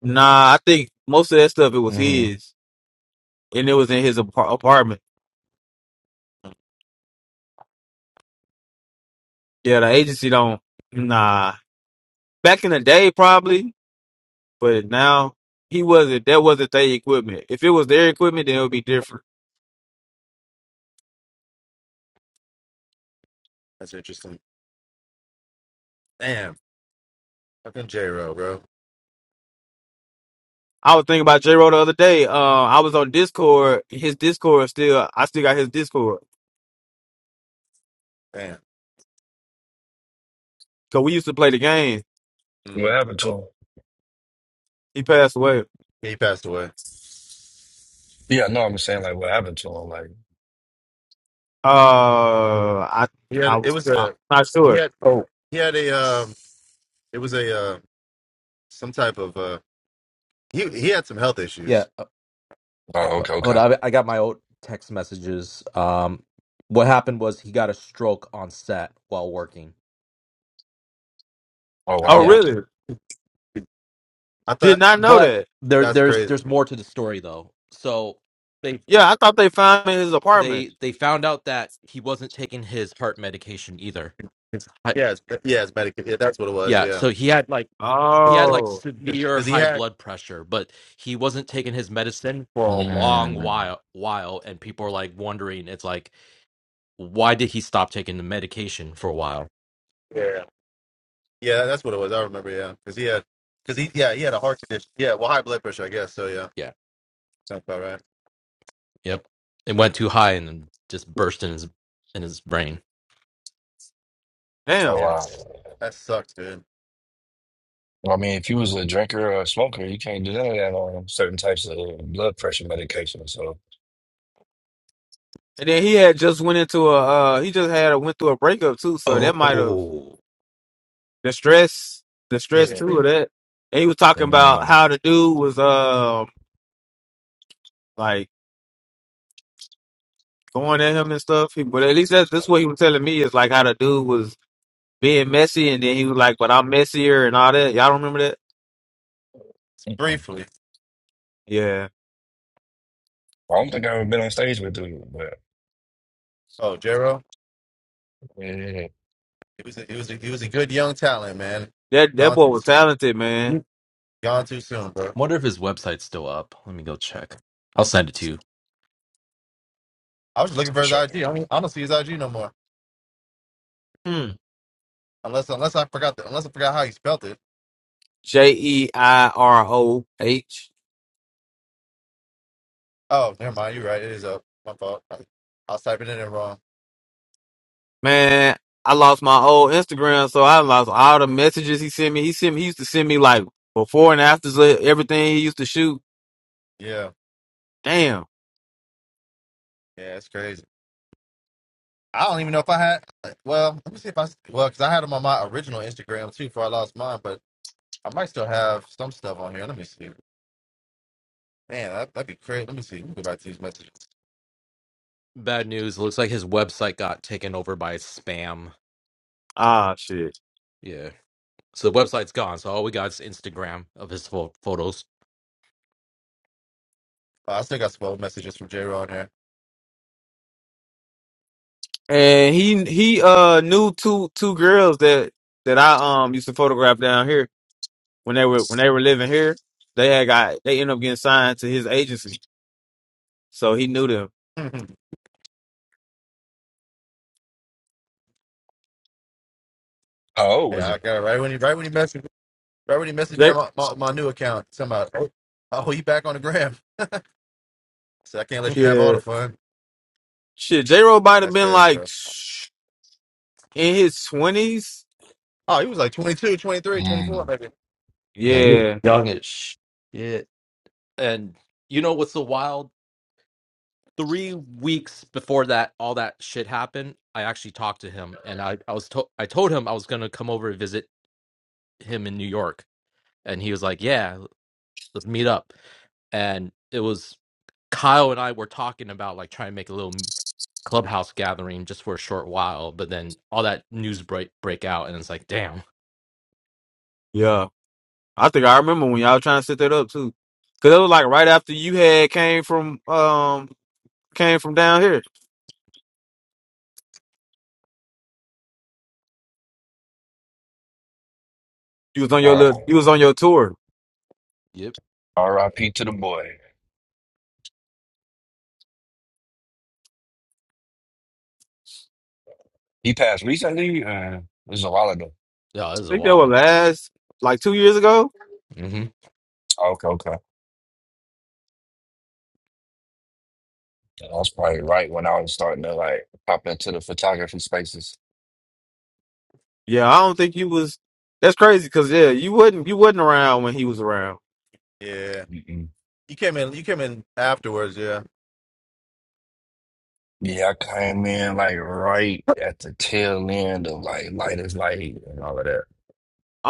Speaker 2: Nah, I think most of that stuff it was
Speaker 1: hmm
Speaker 2: his. And it was in his apar- apartment. Yeah, the agency don't nah. Back in the day probably, but now he wasn't that wasn't their equipment. If it was their equipment then it would be different.
Speaker 3: That's interesting. Damn, fucking J Ro, bro.
Speaker 2: I was thinking about J Roll the other day. Uh I was on Discord. His Discord still I still got his Discord.
Speaker 3: Damn,
Speaker 2: Cause we used to play the game
Speaker 4: What
Speaker 3: mm.
Speaker 4: happened to him?
Speaker 2: He passed away.
Speaker 3: he passed away.
Speaker 4: Yeah, no, I'm saying like what happened to him. Like,
Speaker 2: Uh, I
Speaker 3: He
Speaker 2: I
Speaker 3: had it
Speaker 2: was
Speaker 3: was
Speaker 2: I'm
Speaker 3: a
Speaker 2: not
Speaker 3: he
Speaker 2: sure.
Speaker 3: had
Speaker 1: Oh
Speaker 3: he had a um it was a uh, some type of uh he he had some health
Speaker 1: yeah,
Speaker 3: issues.
Speaker 1: uh, uh,
Speaker 4: oh,
Speaker 1: uh,
Speaker 4: okay,
Speaker 1: hold
Speaker 4: okay.
Speaker 1: on. I I got my old text messages. Um, what happened was he got a stroke on set while working.
Speaker 4: Oh,
Speaker 3: That's
Speaker 2: Oh,
Speaker 4: wow.
Speaker 1: Yeah,
Speaker 3: crazy.
Speaker 2: really?
Speaker 3: I
Speaker 2: Did
Speaker 3: thought
Speaker 2: not know
Speaker 1: but
Speaker 2: that.
Speaker 1: there,
Speaker 3: that's
Speaker 1: there's,
Speaker 3: crazy.
Speaker 1: there's more to the story though. So they,
Speaker 2: Yeah, I thought they found him in his apartment.
Speaker 1: they, they found out that he wasn't taking his heart medication either. His hi-
Speaker 3: Yeah, it's, yeah, it's medic. Yeah, that's what it was.
Speaker 1: yeah,
Speaker 3: Yeah,
Speaker 1: so he had like he had like
Speaker 2: Oh,
Speaker 1: severe
Speaker 3: because he
Speaker 1: high
Speaker 3: had.
Speaker 1: blood pressure, but he wasn't taking his medicine for a long
Speaker 4: Mm.
Speaker 1: while while and people are like wondering it's like why did he stop taking the medication for a while?
Speaker 3: Yeah, yeah, that's what it was. I remember, yeah, because he had, because he, yeah, he had a heart condition. Yeah, well, high blood pressure, I guess. So yeah,
Speaker 1: Yeah.
Speaker 3: that's about right.
Speaker 1: Yep. It went too high and then just burst in his in his brain.
Speaker 2: damn.
Speaker 4: Oh,
Speaker 3: Man,
Speaker 4: wow.
Speaker 3: that sucks, dude.
Speaker 4: Well, I mean, if you was a drinker or a smoker, you can't do none of that on certain types of blood pressure medication. So,
Speaker 2: And then he had just went into a uh, he just had a, went through a breakup too, so that might have
Speaker 1: Oh.
Speaker 2: the stress, the
Speaker 3: Yeah,
Speaker 2: stress too
Speaker 3: Briefly.
Speaker 2: of that. And he was talking about
Speaker 4: mm.
Speaker 2: how the dude was um like going at him and stuff. He, but at least that's this what he was telling me is like how the dude was being messy, and then he was like, "But I'm messier" and all that. Y'all remember that?
Speaker 4: I
Speaker 3: briefly.
Speaker 2: Yeah.
Speaker 4: don't think I've ever been on stage with dude, but
Speaker 3: Oh, Jero,
Speaker 4: yeah,
Speaker 3: he was, a, he was, a, he was a good young talent, man.
Speaker 2: That that
Speaker 3: Gone
Speaker 2: boy
Speaker 3: too
Speaker 2: was
Speaker 3: soon.
Speaker 2: talented, man.
Speaker 3: Gone too soon, bro.
Speaker 1: Wonder if his website's still up. Let me go check. I'll send it to you.
Speaker 3: I was just looking for
Speaker 4: for
Speaker 3: his
Speaker 4: sure.
Speaker 3: IG. I don't, I don't see his IG no more.
Speaker 2: Hmm.
Speaker 3: Unless, unless I forgot the, unless I forgot how he spelt it.
Speaker 2: J E I R O H.
Speaker 3: Oh, never mind. You're right. It is up. My fault. I, I was typing it in wrong.
Speaker 2: Man, I lost my old Instagram, so I lost all the messages he sent me. He sent me. He used to send me like before and afters of everything he used to shoot.
Speaker 3: Yeah,
Speaker 2: Damn.
Speaker 3: yeah, it's crazy. I don't even know if I had. Well, let me see if I. Well, because I had them on my original Instagram too before I lost mine, but I might still have some stuff on here. Let me see. Man, that, that'd be crazy. Let me see. Let me go back to these messages.
Speaker 1: Bad news. It Looks like his website got taken over by spam.
Speaker 2: Ah shit.
Speaker 1: Yeah. So the website's gone. So all we got is Instagram of his pho- photos.
Speaker 3: Oh, I still got some old messages from J. Ron here.
Speaker 2: And he he uh knew two two girls that that I um used to photograph down here when they were when they were living here. They had got they ended up getting signed to his agency, so he knew them.
Speaker 3: [LAUGHS] yeah,
Speaker 4: How old was he?
Speaker 3: I got it right when he right when he messaged right when he messaged me
Speaker 2: They
Speaker 3: on my, my, my new account. Somebody, oh, oh, you back on the gram? [LAUGHS] So I can't
Speaker 1: [LAUGHS]
Speaker 3: let you have all
Speaker 2: yeah.
Speaker 3: the fun.
Speaker 2: Shit, J Ro might have
Speaker 3: That's
Speaker 2: been
Speaker 3: crazy,
Speaker 2: like
Speaker 3: bro.
Speaker 2: in his twenties.
Speaker 3: Oh, he was like twenty two, twenty three, twenty four,
Speaker 4: Mm.
Speaker 1: Yeah, he was
Speaker 2: Yeah,
Speaker 1: young as shit. And you know what's so wild? Three weeks before that, all that shit happened. I actually talked to him, and I, I was to- I told him I was gonna come over and visit him in New York, and he was like, "Yeah, let's meet up." And it was Kyle and I were talking about like trying to make a little clubhouse gathering just for a short while, but then all that news break break out, and it's like, damn,
Speaker 2: yeah. I think I remember when y'all trying to set that up too, because it was like right after you had came from um came from down here. You was on your
Speaker 4: R-
Speaker 2: little, you was on your tour.
Speaker 1: yep,
Speaker 4: R.I.P. to the boy. He passed recently. Uh, it was a while ago.
Speaker 1: yeah, this is
Speaker 2: I
Speaker 1: a
Speaker 2: think that was
Speaker 1: wild.
Speaker 2: last like two years ago.
Speaker 1: hmm
Speaker 4: Okay, okay. I was probably right when I was starting to like pop into the photography spaces.
Speaker 2: Yeah, I don't think you was. That's crazy because yeah, you wasn't you wasn't around when he was around.
Speaker 3: maybe. Yeah,
Speaker 4: Mm-mm.
Speaker 3: you came in. You came in afterwards. Yeah.
Speaker 4: Yeah, I came in like right at the tail end of like light is light and all of that.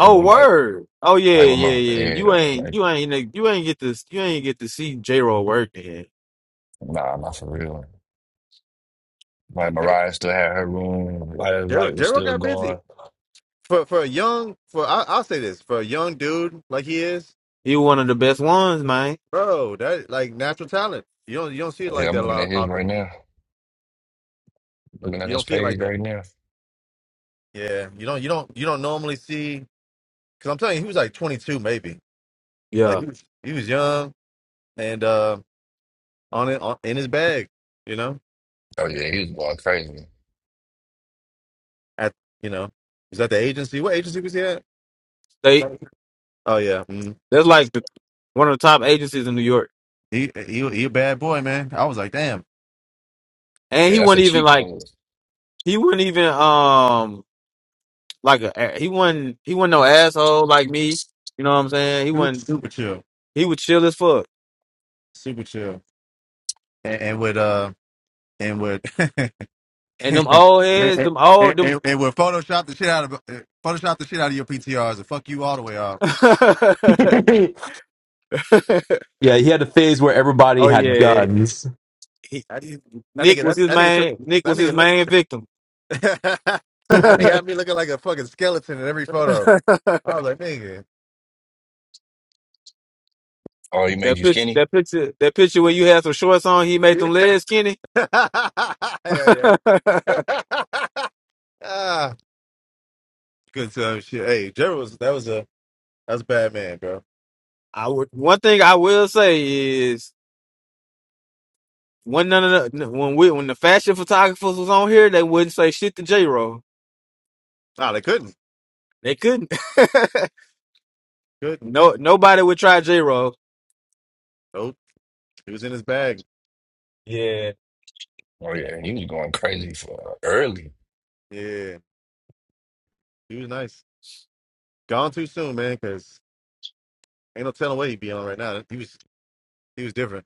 Speaker 4: And I'm like,
Speaker 2: word. Oh yeah,
Speaker 4: like with my
Speaker 2: yeah, yeah.
Speaker 4: yeah,
Speaker 2: You ain't
Speaker 4: like
Speaker 2: you ain't you ain't get this you ain't get to see J Roll work. Man.
Speaker 4: nah, not for real. Like
Speaker 3: Not
Speaker 4: Mariah still had her room. Light is
Speaker 3: Daryl,
Speaker 4: light was
Speaker 3: Daryl
Speaker 4: still
Speaker 3: got busy.
Speaker 4: going.
Speaker 3: for for a young for I, I'll say this for a young dude like he is,
Speaker 2: He one of the best ones, man.
Speaker 3: bro. That like natural talent. You don't you don't see it
Speaker 4: Yeah,
Speaker 3: like that
Speaker 4: I'm
Speaker 3: a
Speaker 4: looking
Speaker 3: lot
Speaker 4: at his
Speaker 3: often.
Speaker 4: right now. Looking at
Speaker 3: You don't
Speaker 4: his
Speaker 3: see it like
Speaker 4: page
Speaker 3: that.
Speaker 4: right now.
Speaker 3: Yeah, you don't you don't you don't normally see. Cause I'm telling you, he was like 22 maybe. Like
Speaker 2: Yeah.
Speaker 3: he was he was young and uh on it on, in his bag. You know
Speaker 4: Oh yeah, he was going crazy.
Speaker 3: at you know he was at the agency. What agency was he at?
Speaker 2: They
Speaker 3: Sorry. Oh yeah, mhm.
Speaker 2: That's like the, one of the top agencies in New York.
Speaker 3: he he he a bad boy man. I was like damn,
Speaker 2: And
Speaker 4: Yeah,
Speaker 2: he
Speaker 4: that's a
Speaker 2: wasn't even
Speaker 4: cheat
Speaker 2: like
Speaker 4: code.
Speaker 2: he wasn't even um like a he wasn't he wasn't no asshole like me. You know what I'm saying? He
Speaker 3: super
Speaker 2: wasn't
Speaker 3: super chill,
Speaker 2: he was chill as fuck.
Speaker 3: super chill. And, and with uh and with [LAUGHS]
Speaker 2: And them old
Speaker 3: And,
Speaker 2: heads,
Speaker 3: and,
Speaker 2: them
Speaker 3: and,
Speaker 2: old them.
Speaker 3: and and we'll Photoshop the shit out of uh, Photoshop the shit out of your PTRs and fuck you all the way off.
Speaker 2: [LAUGHS]
Speaker 1: [LAUGHS] Yeah, he had a phase where everybody
Speaker 2: oh
Speaker 1: had
Speaker 2: yeah,
Speaker 1: guns.
Speaker 2: he,
Speaker 3: That,
Speaker 2: he-
Speaker 3: that
Speaker 2: Nick
Speaker 3: nigga,
Speaker 2: was
Speaker 3: that,
Speaker 2: his
Speaker 3: that nigga took
Speaker 2: main. Nick
Speaker 3: that
Speaker 2: was his
Speaker 3: nigga look.
Speaker 2: main victim.
Speaker 3: [LAUGHS] that
Speaker 2: [LAUGHS]
Speaker 1: [LAUGHS]
Speaker 3: nigga
Speaker 2: that
Speaker 3: had me looking like a fucking skeleton in every photo. I was like, nigga.
Speaker 4: Oh, he made you
Speaker 2: picture,
Speaker 4: skinny.
Speaker 2: that picture, that picture where you had some shorts on. He made
Speaker 3: [LAUGHS]
Speaker 2: them legs skinny.
Speaker 3: Hell
Speaker 2: [LAUGHS]
Speaker 3: yeah.
Speaker 2: I
Speaker 3: [LAUGHS] ah, good time shit. Hey, Gerald was that was a that was a bad man, bro.
Speaker 2: would. One thing I will say is when none of the when we when the fashion photographers was on here, they wouldn't say shit to J Roll.
Speaker 3: Nah, they couldn't.
Speaker 2: They couldn't. [LAUGHS]
Speaker 3: Couldn't.
Speaker 2: no, nobody would try J Roll.
Speaker 3: Nope. He was in his bag.
Speaker 2: Yeah,
Speaker 4: Oh yeah, he was going crazy for early.
Speaker 3: Yeah. He was nice. Gone too soon, man, because ain't no telling what he be on right now. He was he was different.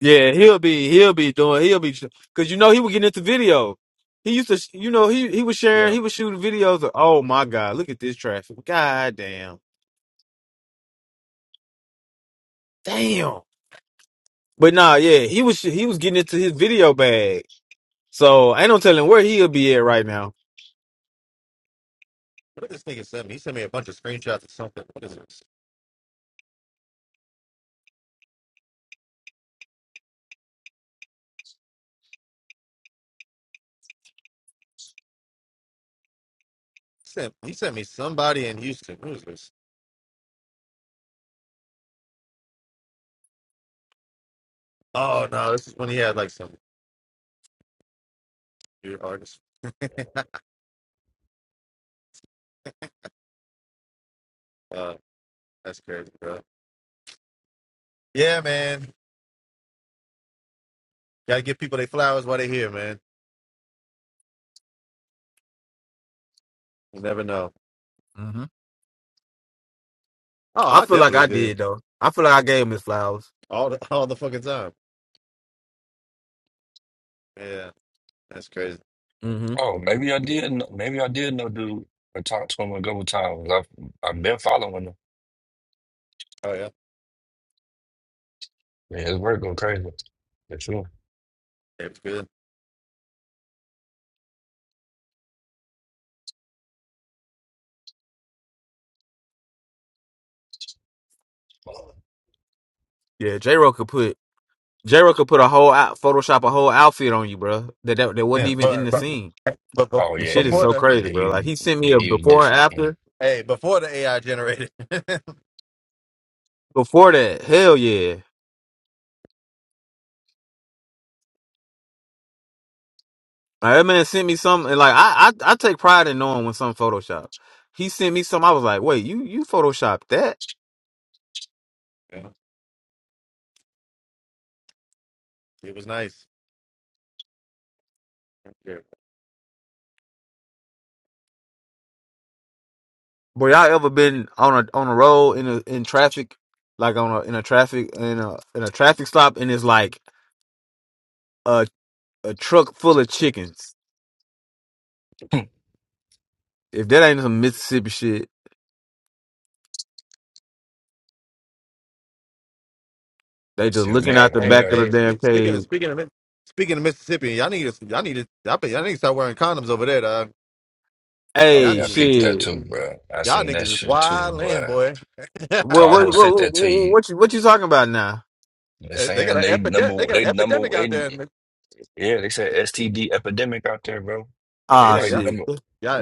Speaker 2: yeah, he'll be he'll be doing he'll be because you know he would get into video. He used to, you know, he he was sharing,
Speaker 3: Yeah.
Speaker 2: he was shooting videos of, oh my god, look at this traffic, god damn, damn. But nah, yeah, he was he was getting into his video bag. So ain't no telling where he'll be at right now.
Speaker 3: What did this nigga send me? He sent me a bunch of screenshots of something. What is this? He sent, he sent me somebody in Houston. Who is this? Oh, no. This is when he had like some weird artist. Uh, that's crazy, bro. Yeah, man. Gotta give people their flowers while they're here, man. You never know.
Speaker 2: hmm
Speaker 3: Oh,
Speaker 2: I
Speaker 3: I
Speaker 2: feel like
Speaker 3: definitely
Speaker 2: I
Speaker 3: did.
Speaker 2: did though. I feel like I gave him his flowers.
Speaker 3: All the, [LAUGHS] all the fucking time. Yeah. That's crazy.
Speaker 4: Oh, maybe I did. Know, maybe I did know, dude. I talked to him a couple times. I've I've been following him.
Speaker 3: Oh, yeah.
Speaker 4: Yeah, his work go crazy. For sure.
Speaker 3: It was good.
Speaker 2: Yeah, J Ro could put J Ro could put a whole out, Photoshop a whole outfit on you, bro. That, that that wasn't
Speaker 3: Yeah.
Speaker 2: even in
Speaker 3: But,
Speaker 2: the
Speaker 3: but,
Speaker 2: scene.
Speaker 3: but, but
Speaker 4: Oh
Speaker 2: The
Speaker 4: yeah,
Speaker 2: shit is
Speaker 3: before
Speaker 4: he,
Speaker 2: so
Speaker 3: the,
Speaker 4: yeah,
Speaker 2: crazy, bro. Like
Speaker 4: he,
Speaker 2: he sent
Speaker 4: yeah,
Speaker 2: me a
Speaker 4: he was
Speaker 3: but-
Speaker 2: before and
Speaker 4: different.
Speaker 2: after.
Speaker 4: Yeah.
Speaker 3: hey, before the AI generated, [LAUGHS] yeah,
Speaker 2: Before that, hell yeah. Like, that man sent me some, and like I, I I take pride in knowing when some Photoshop. He sent me some. I was like, wait, you you photoshopped that?
Speaker 3: it was nice. Yeah.
Speaker 2: Boy, y'all ever been on a on a road in a in traffic, like on a in a traffic in a in a traffic stop, and it's like a a truck full of chickens. If that ain't some Mississippi shit, They
Speaker 4: [LAUGHS]
Speaker 2: just
Speaker 4: See, we
Speaker 2: looking
Speaker 3: Hey,
Speaker 2: out the
Speaker 4: got, we
Speaker 3: hey,
Speaker 2: back
Speaker 4: got.
Speaker 2: of the
Speaker 3: hey!
Speaker 2: damn
Speaker 3: spe- Speaking of
Speaker 2: cage.
Speaker 3: speaking of Mi- speaking of Mississippi, y'all need to y'all need to y'all, be- y'all need to start wearing condoms over there. Dog.
Speaker 4: Oh
Speaker 3: Y'all
Speaker 2: Hey,
Speaker 4: yeah, I
Speaker 3: niggas,
Speaker 4: peeped
Speaker 3: is,
Speaker 4: that
Speaker 2: shit.
Speaker 4: too, bro. I
Speaker 3: y'all
Speaker 4: seen that
Speaker 3: niggas is
Speaker 4: shit too,
Speaker 3: wild land,
Speaker 4: boy.
Speaker 3: boy. [LAUGHS] they
Speaker 4: I
Speaker 3: got
Speaker 2: What what
Speaker 4: almost sent that
Speaker 2: what
Speaker 4: to
Speaker 2: what,
Speaker 4: you.
Speaker 2: what you what you talking about now?
Speaker 4: They're saying
Speaker 3: an
Speaker 4: they
Speaker 3: epidemic. They
Speaker 4: number,
Speaker 3: got
Speaker 4: they
Speaker 3: an
Speaker 4: number,
Speaker 3: epidemic out
Speaker 4: they,
Speaker 3: there. nigga.
Speaker 4: yeah, they said STD epidemic out there, bro. But they
Speaker 2: Ah,
Speaker 3: Yeah,
Speaker 4: like
Speaker 3: y'all,
Speaker 2: shit.
Speaker 4: number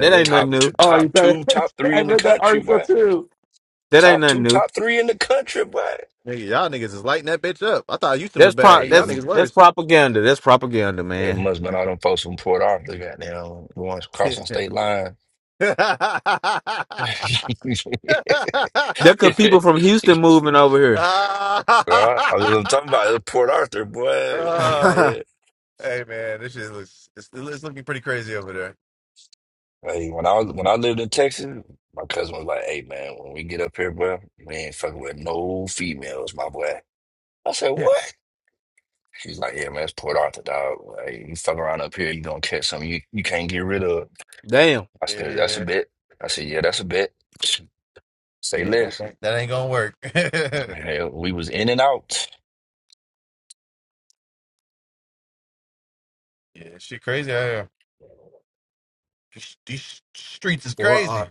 Speaker 3: y'all,
Speaker 2: ain't
Speaker 3: They
Speaker 2: nothing
Speaker 4: top two,
Speaker 2: new.
Speaker 1: Oh, you
Speaker 4: top
Speaker 1: better.
Speaker 4: two, top
Speaker 1: [LAUGHS]
Speaker 4: three
Speaker 1: I
Speaker 4: in the
Speaker 1: read that
Speaker 4: country,
Speaker 1: article
Speaker 4: boy.
Speaker 1: too.
Speaker 2: That ain't
Speaker 4: Top two,
Speaker 2: nothing new.
Speaker 4: top three in the country, boy.
Speaker 3: nigga, y'all niggas is lighting that bitch up. I thought Houston was
Speaker 2: That's
Speaker 3: bad,
Speaker 2: pro.
Speaker 3: nigga.
Speaker 4: Hey,
Speaker 3: Y'all
Speaker 2: That's
Speaker 3: niggas
Speaker 4: them-
Speaker 2: that's
Speaker 3: worse.
Speaker 2: propaganda. That's propaganda,
Speaker 4: it
Speaker 2: man.
Speaker 4: must have been all them folks from Port Arthur, goddamn, the ones crossing
Speaker 3: [LAUGHS]
Speaker 4: state line? [LAUGHS]
Speaker 2: There could people from Houston moving over here.
Speaker 3: uh,
Speaker 4: Right? I was am talking about Port Arthur, boy. Hey
Speaker 2: [LAUGHS]
Speaker 4: man.
Speaker 3: hey man, this shit looks it's, it's looking pretty crazy over
Speaker 4: Hey, when I was when I lived in Texas, my cousin was like, Hey man, when we get up here, bro, we ain't fucking with no females, my boy. I said,
Speaker 3: there. [LAUGHS]
Speaker 4: What? He's like, Yeah, man, it's Port Arthur, dog. Hey, you fuck around up here, you gonna catch something you, you can't get rid of.
Speaker 2: Damn.
Speaker 4: I said, That's a
Speaker 3: Yeah,
Speaker 4: bet. I said, Yeah, that's a bet. Say
Speaker 3: yeah, that,
Speaker 4: less.
Speaker 3: that- that ain't gonna work. [LAUGHS]
Speaker 4: And
Speaker 3: yeah,
Speaker 4: hell, we was in and out.
Speaker 3: she crazy out here. These these streets is
Speaker 2: Boy,
Speaker 3: crazy.
Speaker 2: uh,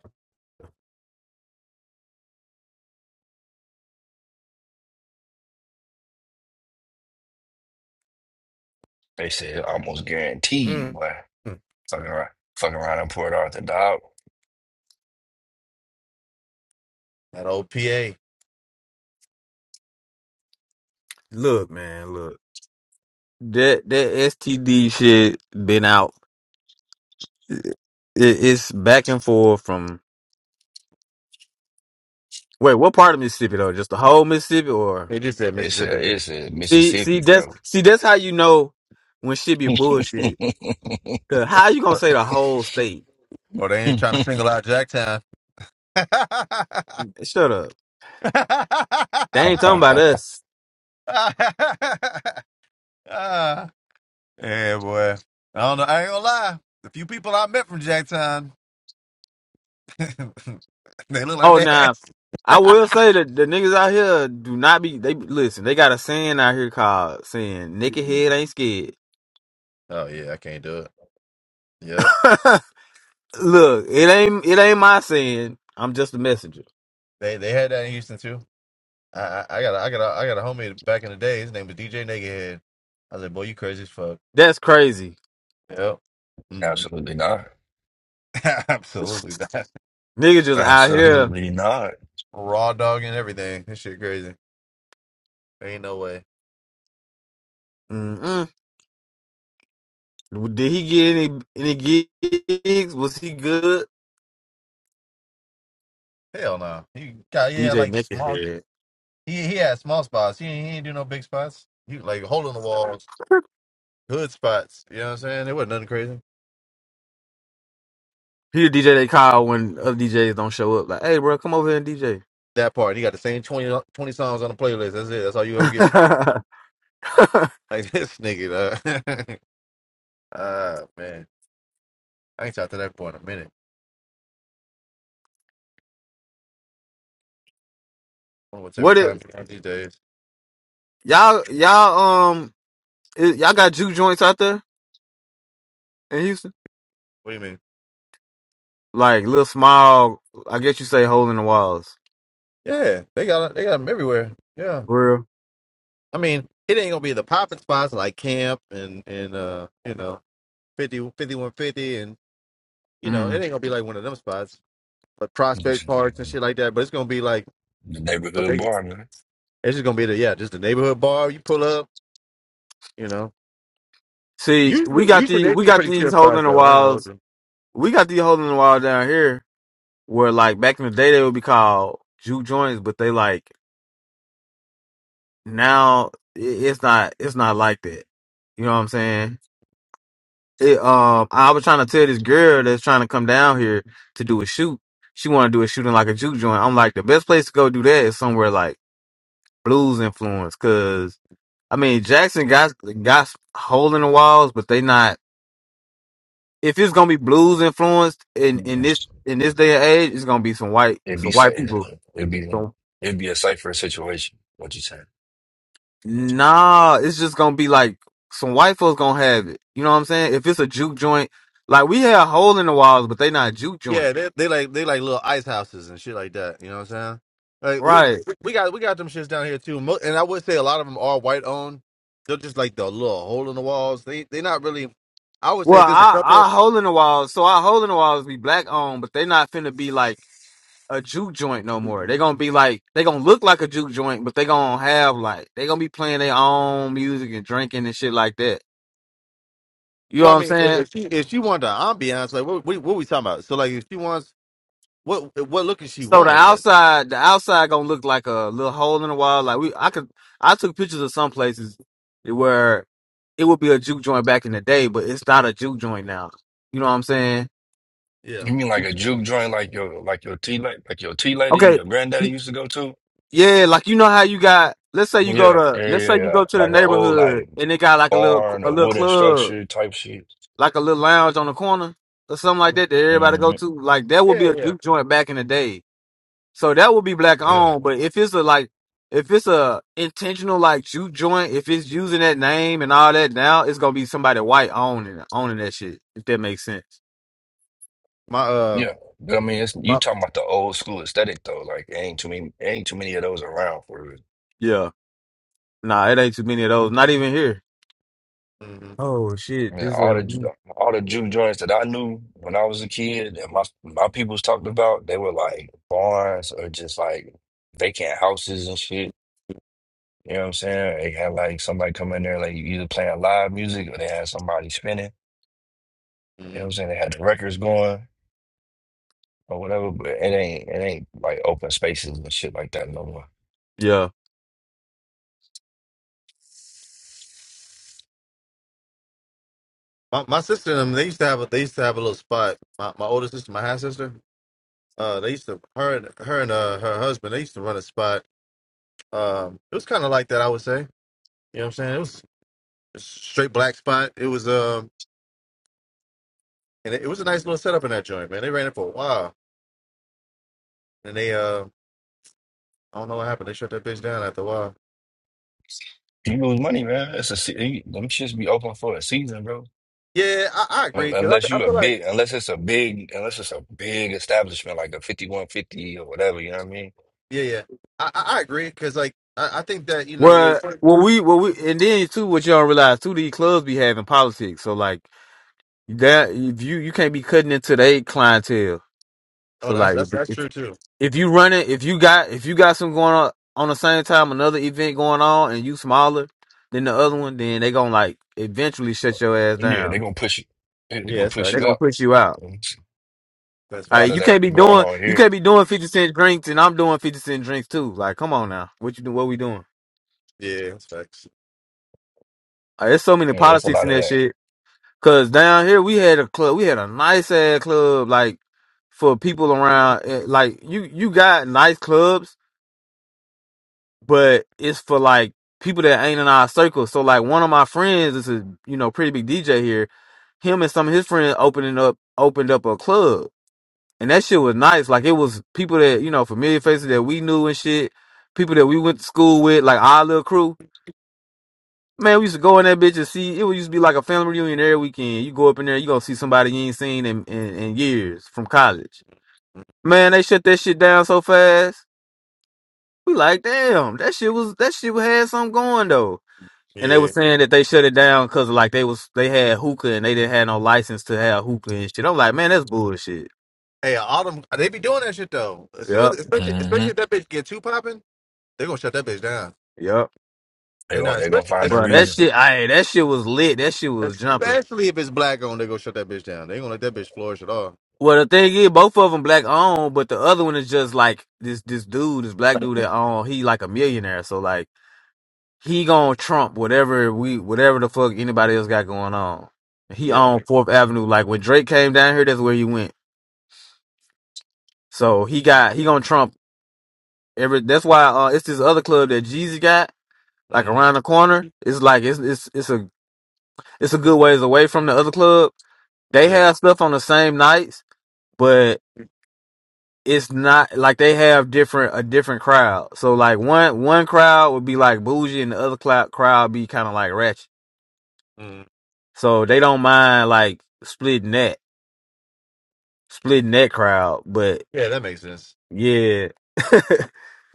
Speaker 4: They said almost guaranteed,
Speaker 2: mm,
Speaker 4: boy.
Speaker 2: mm.
Speaker 4: Fucking around, fucking around in Port Arthur, dog.
Speaker 3: That old PA. They
Speaker 2: look, man, look. That that STD shit been out. It, it's back and forth from. Wait, what part of Mississippi though? Just the whole Mississippi or?
Speaker 3: just said
Speaker 4: It's
Speaker 3: Mississippi.
Speaker 4: a, it's a
Speaker 2: See, see,
Speaker 4: Mississippi,
Speaker 2: that's
Speaker 4: bro.
Speaker 2: see, that's how you know when shit be
Speaker 4: [LAUGHS]
Speaker 2: bullshit. 'Cause how you gonna
Speaker 3: Or
Speaker 2: say the whole state?
Speaker 3: or they ain't trying to single out Jacktown.
Speaker 2: Shut up. They ain't
Speaker 3: [LAUGHS]
Speaker 2: talking about us.
Speaker 3: Ah, yeah, boy. I don't know. I ain't gonna lie. The few people I met from Jacktown, [LAUGHS] they look like
Speaker 2: Oh,
Speaker 3: they
Speaker 2: now
Speaker 3: ass.
Speaker 2: I will say that the niggas out here do not be. They listen. They got a saying out here called saying "naked head ain't scared."
Speaker 3: Oh yeah, I can't do it. Yep.
Speaker 2: [LAUGHS] Look, it ain't it ain't my saying. I'm just a messenger.
Speaker 3: They they had that in Houston too. I, I I got a, I got a, I got a homie back in the day. His name was DJ Niggerhead. I was like, boy, you crazy as fuck.
Speaker 2: That's crazy.
Speaker 3: Yep. Mm.
Speaker 4: Absolutely not.
Speaker 3: [LAUGHS] Absolutely not.
Speaker 2: Niggas just out here.
Speaker 4: Absolutely not.
Speaker 3: Raw dog and everything. This shit crazy. Ain't no way.
Speaker 2: Mm-mm. Did he get any any gigs? Was he good?
Speaker 3: Hell no. He got he had
Speaker 2: DJ
Speaker 3: like
Speaker 2: Naked
Speaker 3: small.
Speaker 2: Head.
Speaker 3: He he had small spots. He ain't, he ain't do no big spots. He like hole in the walls, hood spots. You know what I'm saying? It wasn't nothing crazy.
Speaker 2: He the DJ they call when other DJs don't show up. Like, hey, bro, come over here and DJ.
Speaker 3: That part. He got the same 20, o- twenty songs on the playlist. That's it. That's all you gonna get.
Speaker 2: [LAUGHS]
Speaker 3: Like [LAUGHS] this nigga. dawg. [LAUGHS] Ah man. I ain't shot to that point in a minute. I don't know what type of
Speaker 2: what it
Speaker 3: time you have these days.
Speaker 2: y'all y'all um it, y'all got juke joints out there in Houston?
Speaker 3: What do you mean?
Speaker 2: Like little small, I guess you say hole in the walls.
Speaker 3: Yeah, they got they got them everywhere. Yeah,
Speaker 2: For Real.
Speaker 3: I mean it ain't gonna be the popping spots like camp and and uh you know fifty fifty one fifty and you know it
Speaker 2: Mm.
Speaker 3: ain't gonna be like one of them spots, but prospect
Speaker 4: The
Speaker 3: parks and shit like that. But it's gonna be like, but
Speaker 4: neighborhood
Speaker 3: they
Speaker 4: bar, man.
Speaker 3: it's just gonna be the yeah just the neighborhood bar. You pull up, you know.
Speaker 2: See, we
Speaker 3: Usually,
Speaker 2: got
Speaker 3: usually
Speaker 2: the
Speaker 3: they
Speaker 2: we
Speaker 3: be
Speaker 2: got
Speaker 3: pretty chill
Speaker 2: these hole
Speaker 3: spots
Speaker 2: in the
Speaker 3: though. I ain't gonna hold
Speaker 2: walls.
Speaker 3: you.
Speaker 2: We got these hole in the wall down here where like back in the day they would be called juke joints, but they like now it, it's not it's not like that. You know what I'm saying? It, um, I was trying to tell this girl that's trying to come down here to do a shoot. She want to do a shooting like a juke joint. I'm like, the best place to go do that is somewhere like blues influence, cause I mean Jackson got got hole in the walls, but they not. If it's gonna be blues influenced in in this in this day and age, it's gonna be some white
Speaker 4: It'd be
Speaker 2: some white
Speaker 4: safe.
Speaker 2: people.
Speaker 4: It'd be
Speaker 2: So
Speaker 4: it'd be a safer situation. What you saying?
Speaker 2: nah, it's just gonna be like some white folks gonna have it. You know what I'm saying? If it's a juke joint, like we have hole in the walls, but they not juke joint.
Speaker 3: Yeah, they they like they like little ice houses and shit like that. You know what I'm saying? Like we
Speaker 2: Right.
Speaker 3: we got we got them shits down here too. Mo- And I would say a lot of them are white owned. They're just like the little hole in the walls. They they not really. I would say
Speaker 2: Well,
Speaker 3: there's a
Speaker 2: I
Speaker 3: couple.
Speaker 2: I hole in the walls, so our hole in the walls be black owned, but they not finna be like a juke joint no more. They gonna be like they gonna look like a juke joint, but they gonna have like they gonna be playing their own music and drinking and shit like that. You know
Speaker 3: Well, I
Speaker 2: what I'm
Speaker 3: mean, if
Speaker 2: saying?
Speaker 3: if she if she wanted the ambiance, like what we what we talking about? So like if she wants what what look is she
Speaker 2: So the
Speaker 3: wanting? Like,
Speaker 2: outside, the outside gonna look like a little hole in the wall. Like we, I could, I took pictures of some places where it would be a juke joint back in the day, but it's not a juke joint now. You know what I'm saying?
Speaker 3: yeah,
Speaker 4: You mean like a juke joint, like your like your tea la- like your tea lady,
Speaker 2: Okay.
Speaker 4: your granddaddy used to go to?
Speaker 2: Yeah, like you know how you got. Let's say you go
Speaker 4: Yeah,
Speaker 2: to.
Speaker 4: yeah,
Speaker 2: Let's
Speaker 4: yeah,
Speaker 2: say you
Speaker 4: yeah.
Speaker 2: go to the
Speaker 4: Like an old
Speaker 2: neighborhood
Speaker 4: like
Speaker 2: and they got like a little
Speaker 4: barn
Speaker 2: a
Speaker 4: or
Speaker 2: little
Speaker 4: wooden
Speaker 2: club,
Speaker 4: structure type shit.
Speaker 2: like a little lounge on the corner or something like that that everybody go
Speaker 4: hmm
Speaker 2: to. Like that would be
Speaker 3: yeah,
Speaker 2: a
Speaker 3: yeah.
Speaker 2: juke joint back in the day. So that would be black
Speaker 4: Yeah.
Speaker 2: owned. But if it's a like, if it's a intentional like juke joint, if it's using that name and all that now, it's gonna be somebody white owning owning that shit. If that makes sense.
Speaker 3: My uh,
Speaker 4: Yeah, but I mean, it's you
Speaker 3: my,
Speaker 4: talking about the old school aesthetic though. Like, ain't too many, ain't too many of those around for real.
Speaker 2: Yeah. Nah, it ain't too many of those. Not even here.
Speaker 3: mhm,
Speaker 2: Oh shit.
Speaker 4: Man,
Speaker 2: This.
Speaker 4: all the ju- all the juke joints that I knew when I was a kid, and my my peoples talked about, they were like barns or just like vacant houses and shit. You know what I'm saying? They had like somebody come in there, like either playing live music or they had somebody spinning. You know what
Speaker 3: mhm.
Speaker 4: I'm saying? They had the records going or whatever, but it ain't it ain't like open spaces and shit like that no more.
Speaker 2: Yeah.
Speaker 3: my my sister and them, they used to have a they used to have a little spot. My my older sister, my half sister. Uh, they used to her and her and uh, her husband. They used to run a spot. Um, it was kind of like that, I would say. You know what I'm saying? It was a straight black spot. It was um, and it, it was a nice little setup in that joint, man. They ran it for a while, and they uh, I don't know what happened. They shut that bitch down after a while.
Speaker 4: You lose money, man. It's a se- you- them shits be open for a season, bro.
Speaker 3: Yeah, I, I agree
Speaker 4: Un-
Speaker 3: because
Speaker 4: Unless
Speaker 3: I, I
Speaker 4: you a
Speaker 3: feel like
Speaker 4: big, unless it's a big, unless it's a big establishment like a fifty one fifty or whatever. You know what I mean?
Speaker 3: yeah, yeah, I I, I agree because like I, I think that you know well,
Speaker 2: Well,
Speaker 3: for-
Speaker 2: well, we, well, we, and then too, what you don't realize too, these clubs be having politics. So like that, if you you can't be cutting into their clientele. So
Speaker 3: oh that's
Speaker 2: like
Speaker 3: that's
Speaker 2: if
Speaker 3: that's
Speaker 2: if
Speaker 3: true too.
Speaker 2: if you run it, if you got if you got some going on on the same time, another event going on, and you smaller than the other one, then they gonna like eventually shut your ass
Speaker 4: Yeah,
Speaker 2: down.
Speaker 4: they gonna push you. They they
Speaker 3: Yeah,
Speaker 4: gonna
Speaker 3: that's
Speaker 4: push
Speaker 2: They
Speaker 4: you
Speaker 3: facts.
Speaker 2: gonna
Speaker 4: out.
Speaker 2: push you out.
Speaker 4: It's
Speaker 3: That's
Speaker 4: a lot
Speaker 2: Like
Speaker 4: of
Speaker 2: you
Speaker 3: facts.
Speaker 2: can't
Speaker 4: that
Speaker 2: be
Speaker 4: going
Speaker 2: doing
Speaker 4: on
Speaker 2: you
Speaker 4: here.
Speaker 2: can't be doing fifty cent drinks, and I'm doing fifty cent drinks too. Like come on now, what you do? What we doing?
Speaker 3: Yeah, that's facts.
Speaker 2: Uh, there's so many
Speaker 4: Yeah, it's a
Speaker 2: politics
Speaker 4: lot
Speaker 2: in
Speaker 4: of
Speaker 2: that shit.
Speaker 4: that.
Speaker 2: Cause down here we had a club, we had a nice ass club, like for people around. eh, Like you, you got nice clubs, but it's for like people that ain't in our circle. So like one of my friends is a you know pretty big DJ here. Him and some of his friends opening up opened up a club, and that shit was nice. Like it was people that you know familiar faces that we knew and shit. People that we went to school with, like our little crew. Man, we used to go in that bitch and see. It would used to be like a family reunion every weekend. You go up in there, you gonna see somebody you ain't seen in, in, in years from college.
Speaker 3: mm,
Speaker 2: Man, they shut that shit down so fast. We like, damn, that shit was that shit had something going though. And they were
Speaker 3: Yeah.
Speaker 2: saying that they shut it down because like they was they had hookah and they didn't have no license to have hookah and shit. I'm like, man, that's bullshit.
Speaker 3: Hey, all them they be doing that shit though. As soon
Speaker 2: Yep,
Speaker 3: as especially
Speaker 4: hmm
Speaker 3: especially if that bitch get too popping. They're gonna shut that bitch down.
Speaker 2: yep,
Speaker 4: They
Speaker 3: They're
Speaker 4: gonna
Speaker 3: not
Speaker 4: they gonna
Speaker 3: especially
Speaker 4: find a
Speaker 2: bro. That
Speaker 4: reason.
Speaker 3: especially
Speaker 2: shit, I that shit was lit. That shit was jumping.
Speaker 3: especially if it's black owned, they're gonna shut that bitch down. They ain't gonna let that bitch flourish at all.
Speaker 2: Well, the thing is, both of them black owned, but the other one is just like this this dude, this black dude that own. He like a millionaire, so like he gonna trump whatever we whatever the fuck anybody else got going on. He
Speaker 3: Yeah, that
Speaker 2: owned
Speaker 3: makes
Speaker 2: Fourth Avenue. Like when Drake came down here, that's where he went. So he got he gonna trump every. That's why uh, it's this other club that Jeezy got like
Speaker 3: mm,
Speaker 2: around the corner. It's like it's it's it's a it's a good ways away from the other club. They
Speaker 3: yeah.
Speaker 2: have stuff on the same nights, but. it's not like they have different a different crowd. So like one one crowd would be like bougie, and the other crowd crowd be kind of like ratchet.
Speaker 3: Mm,
Speaker 2: So they don't mind like splitting that splitting that crowd. But
Speaker 3: yeah, that makes sense.
Speaker 2: yeah, [LAUGHS]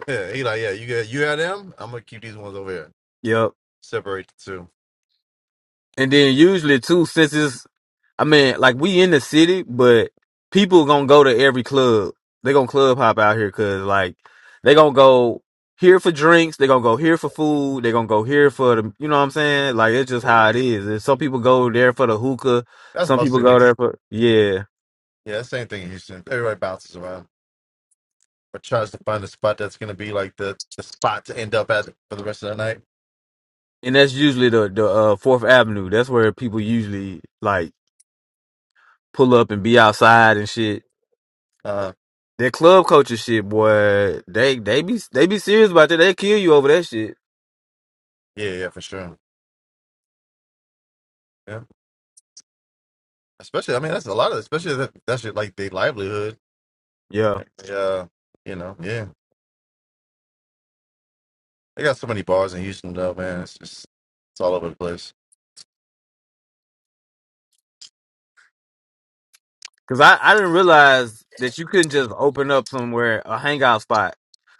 Speaker 3: Yeah, he like, yeah, you got you got them, I'm gonna keep these ones over here.
Speaker 2: yep.
Speaker 3: Separate the two.
Speaker 2: And then usually too, since it's I mean, like we in the city, but people gonna go to every club. They gonna club hop out here because like they gonna go here for drinks. They gonna go here for food. They gonna go here for the you know what I'm saying. Like it's just
Speaker 3: Yeah.
Speaker 2: how it is. And some people go there for the hookah.
Speaker 3: That's
Speaker 2: Some
Speaker 3: most
Speaker 2: people
Speaker 3: of
Speaker 2: go
Speaker 3: these.
Speaker 2: there for yeah.
Speaker 3: Yeah, same thing in Houston. Everybody bounces around. or tries to find a spot that's gonna be like the, the spot to end up at for the rest of the night.
Speaker 2: And that's usually the the uh, Fourth Avenue. That's where people usually like pull up and be outside and shit.
Speaker 3: Uh
Speaker 2: That club culture shit, boy. They they be they be serious about that. They kill you over that shit.
Speaker 3: yeah, yeah, for sure. Yeah. Especially I mean that's a lot of especially that, that's your, like the livelihood.
Speaker 2: Yeah.
Speaker 3: Yeah, you know, yeah. They got so many bars in Houston, though, man. It's just it's all over the place.
Speaker 2: Cause I, I didn't realize that you couldn't just open up somewhere a hangout spot.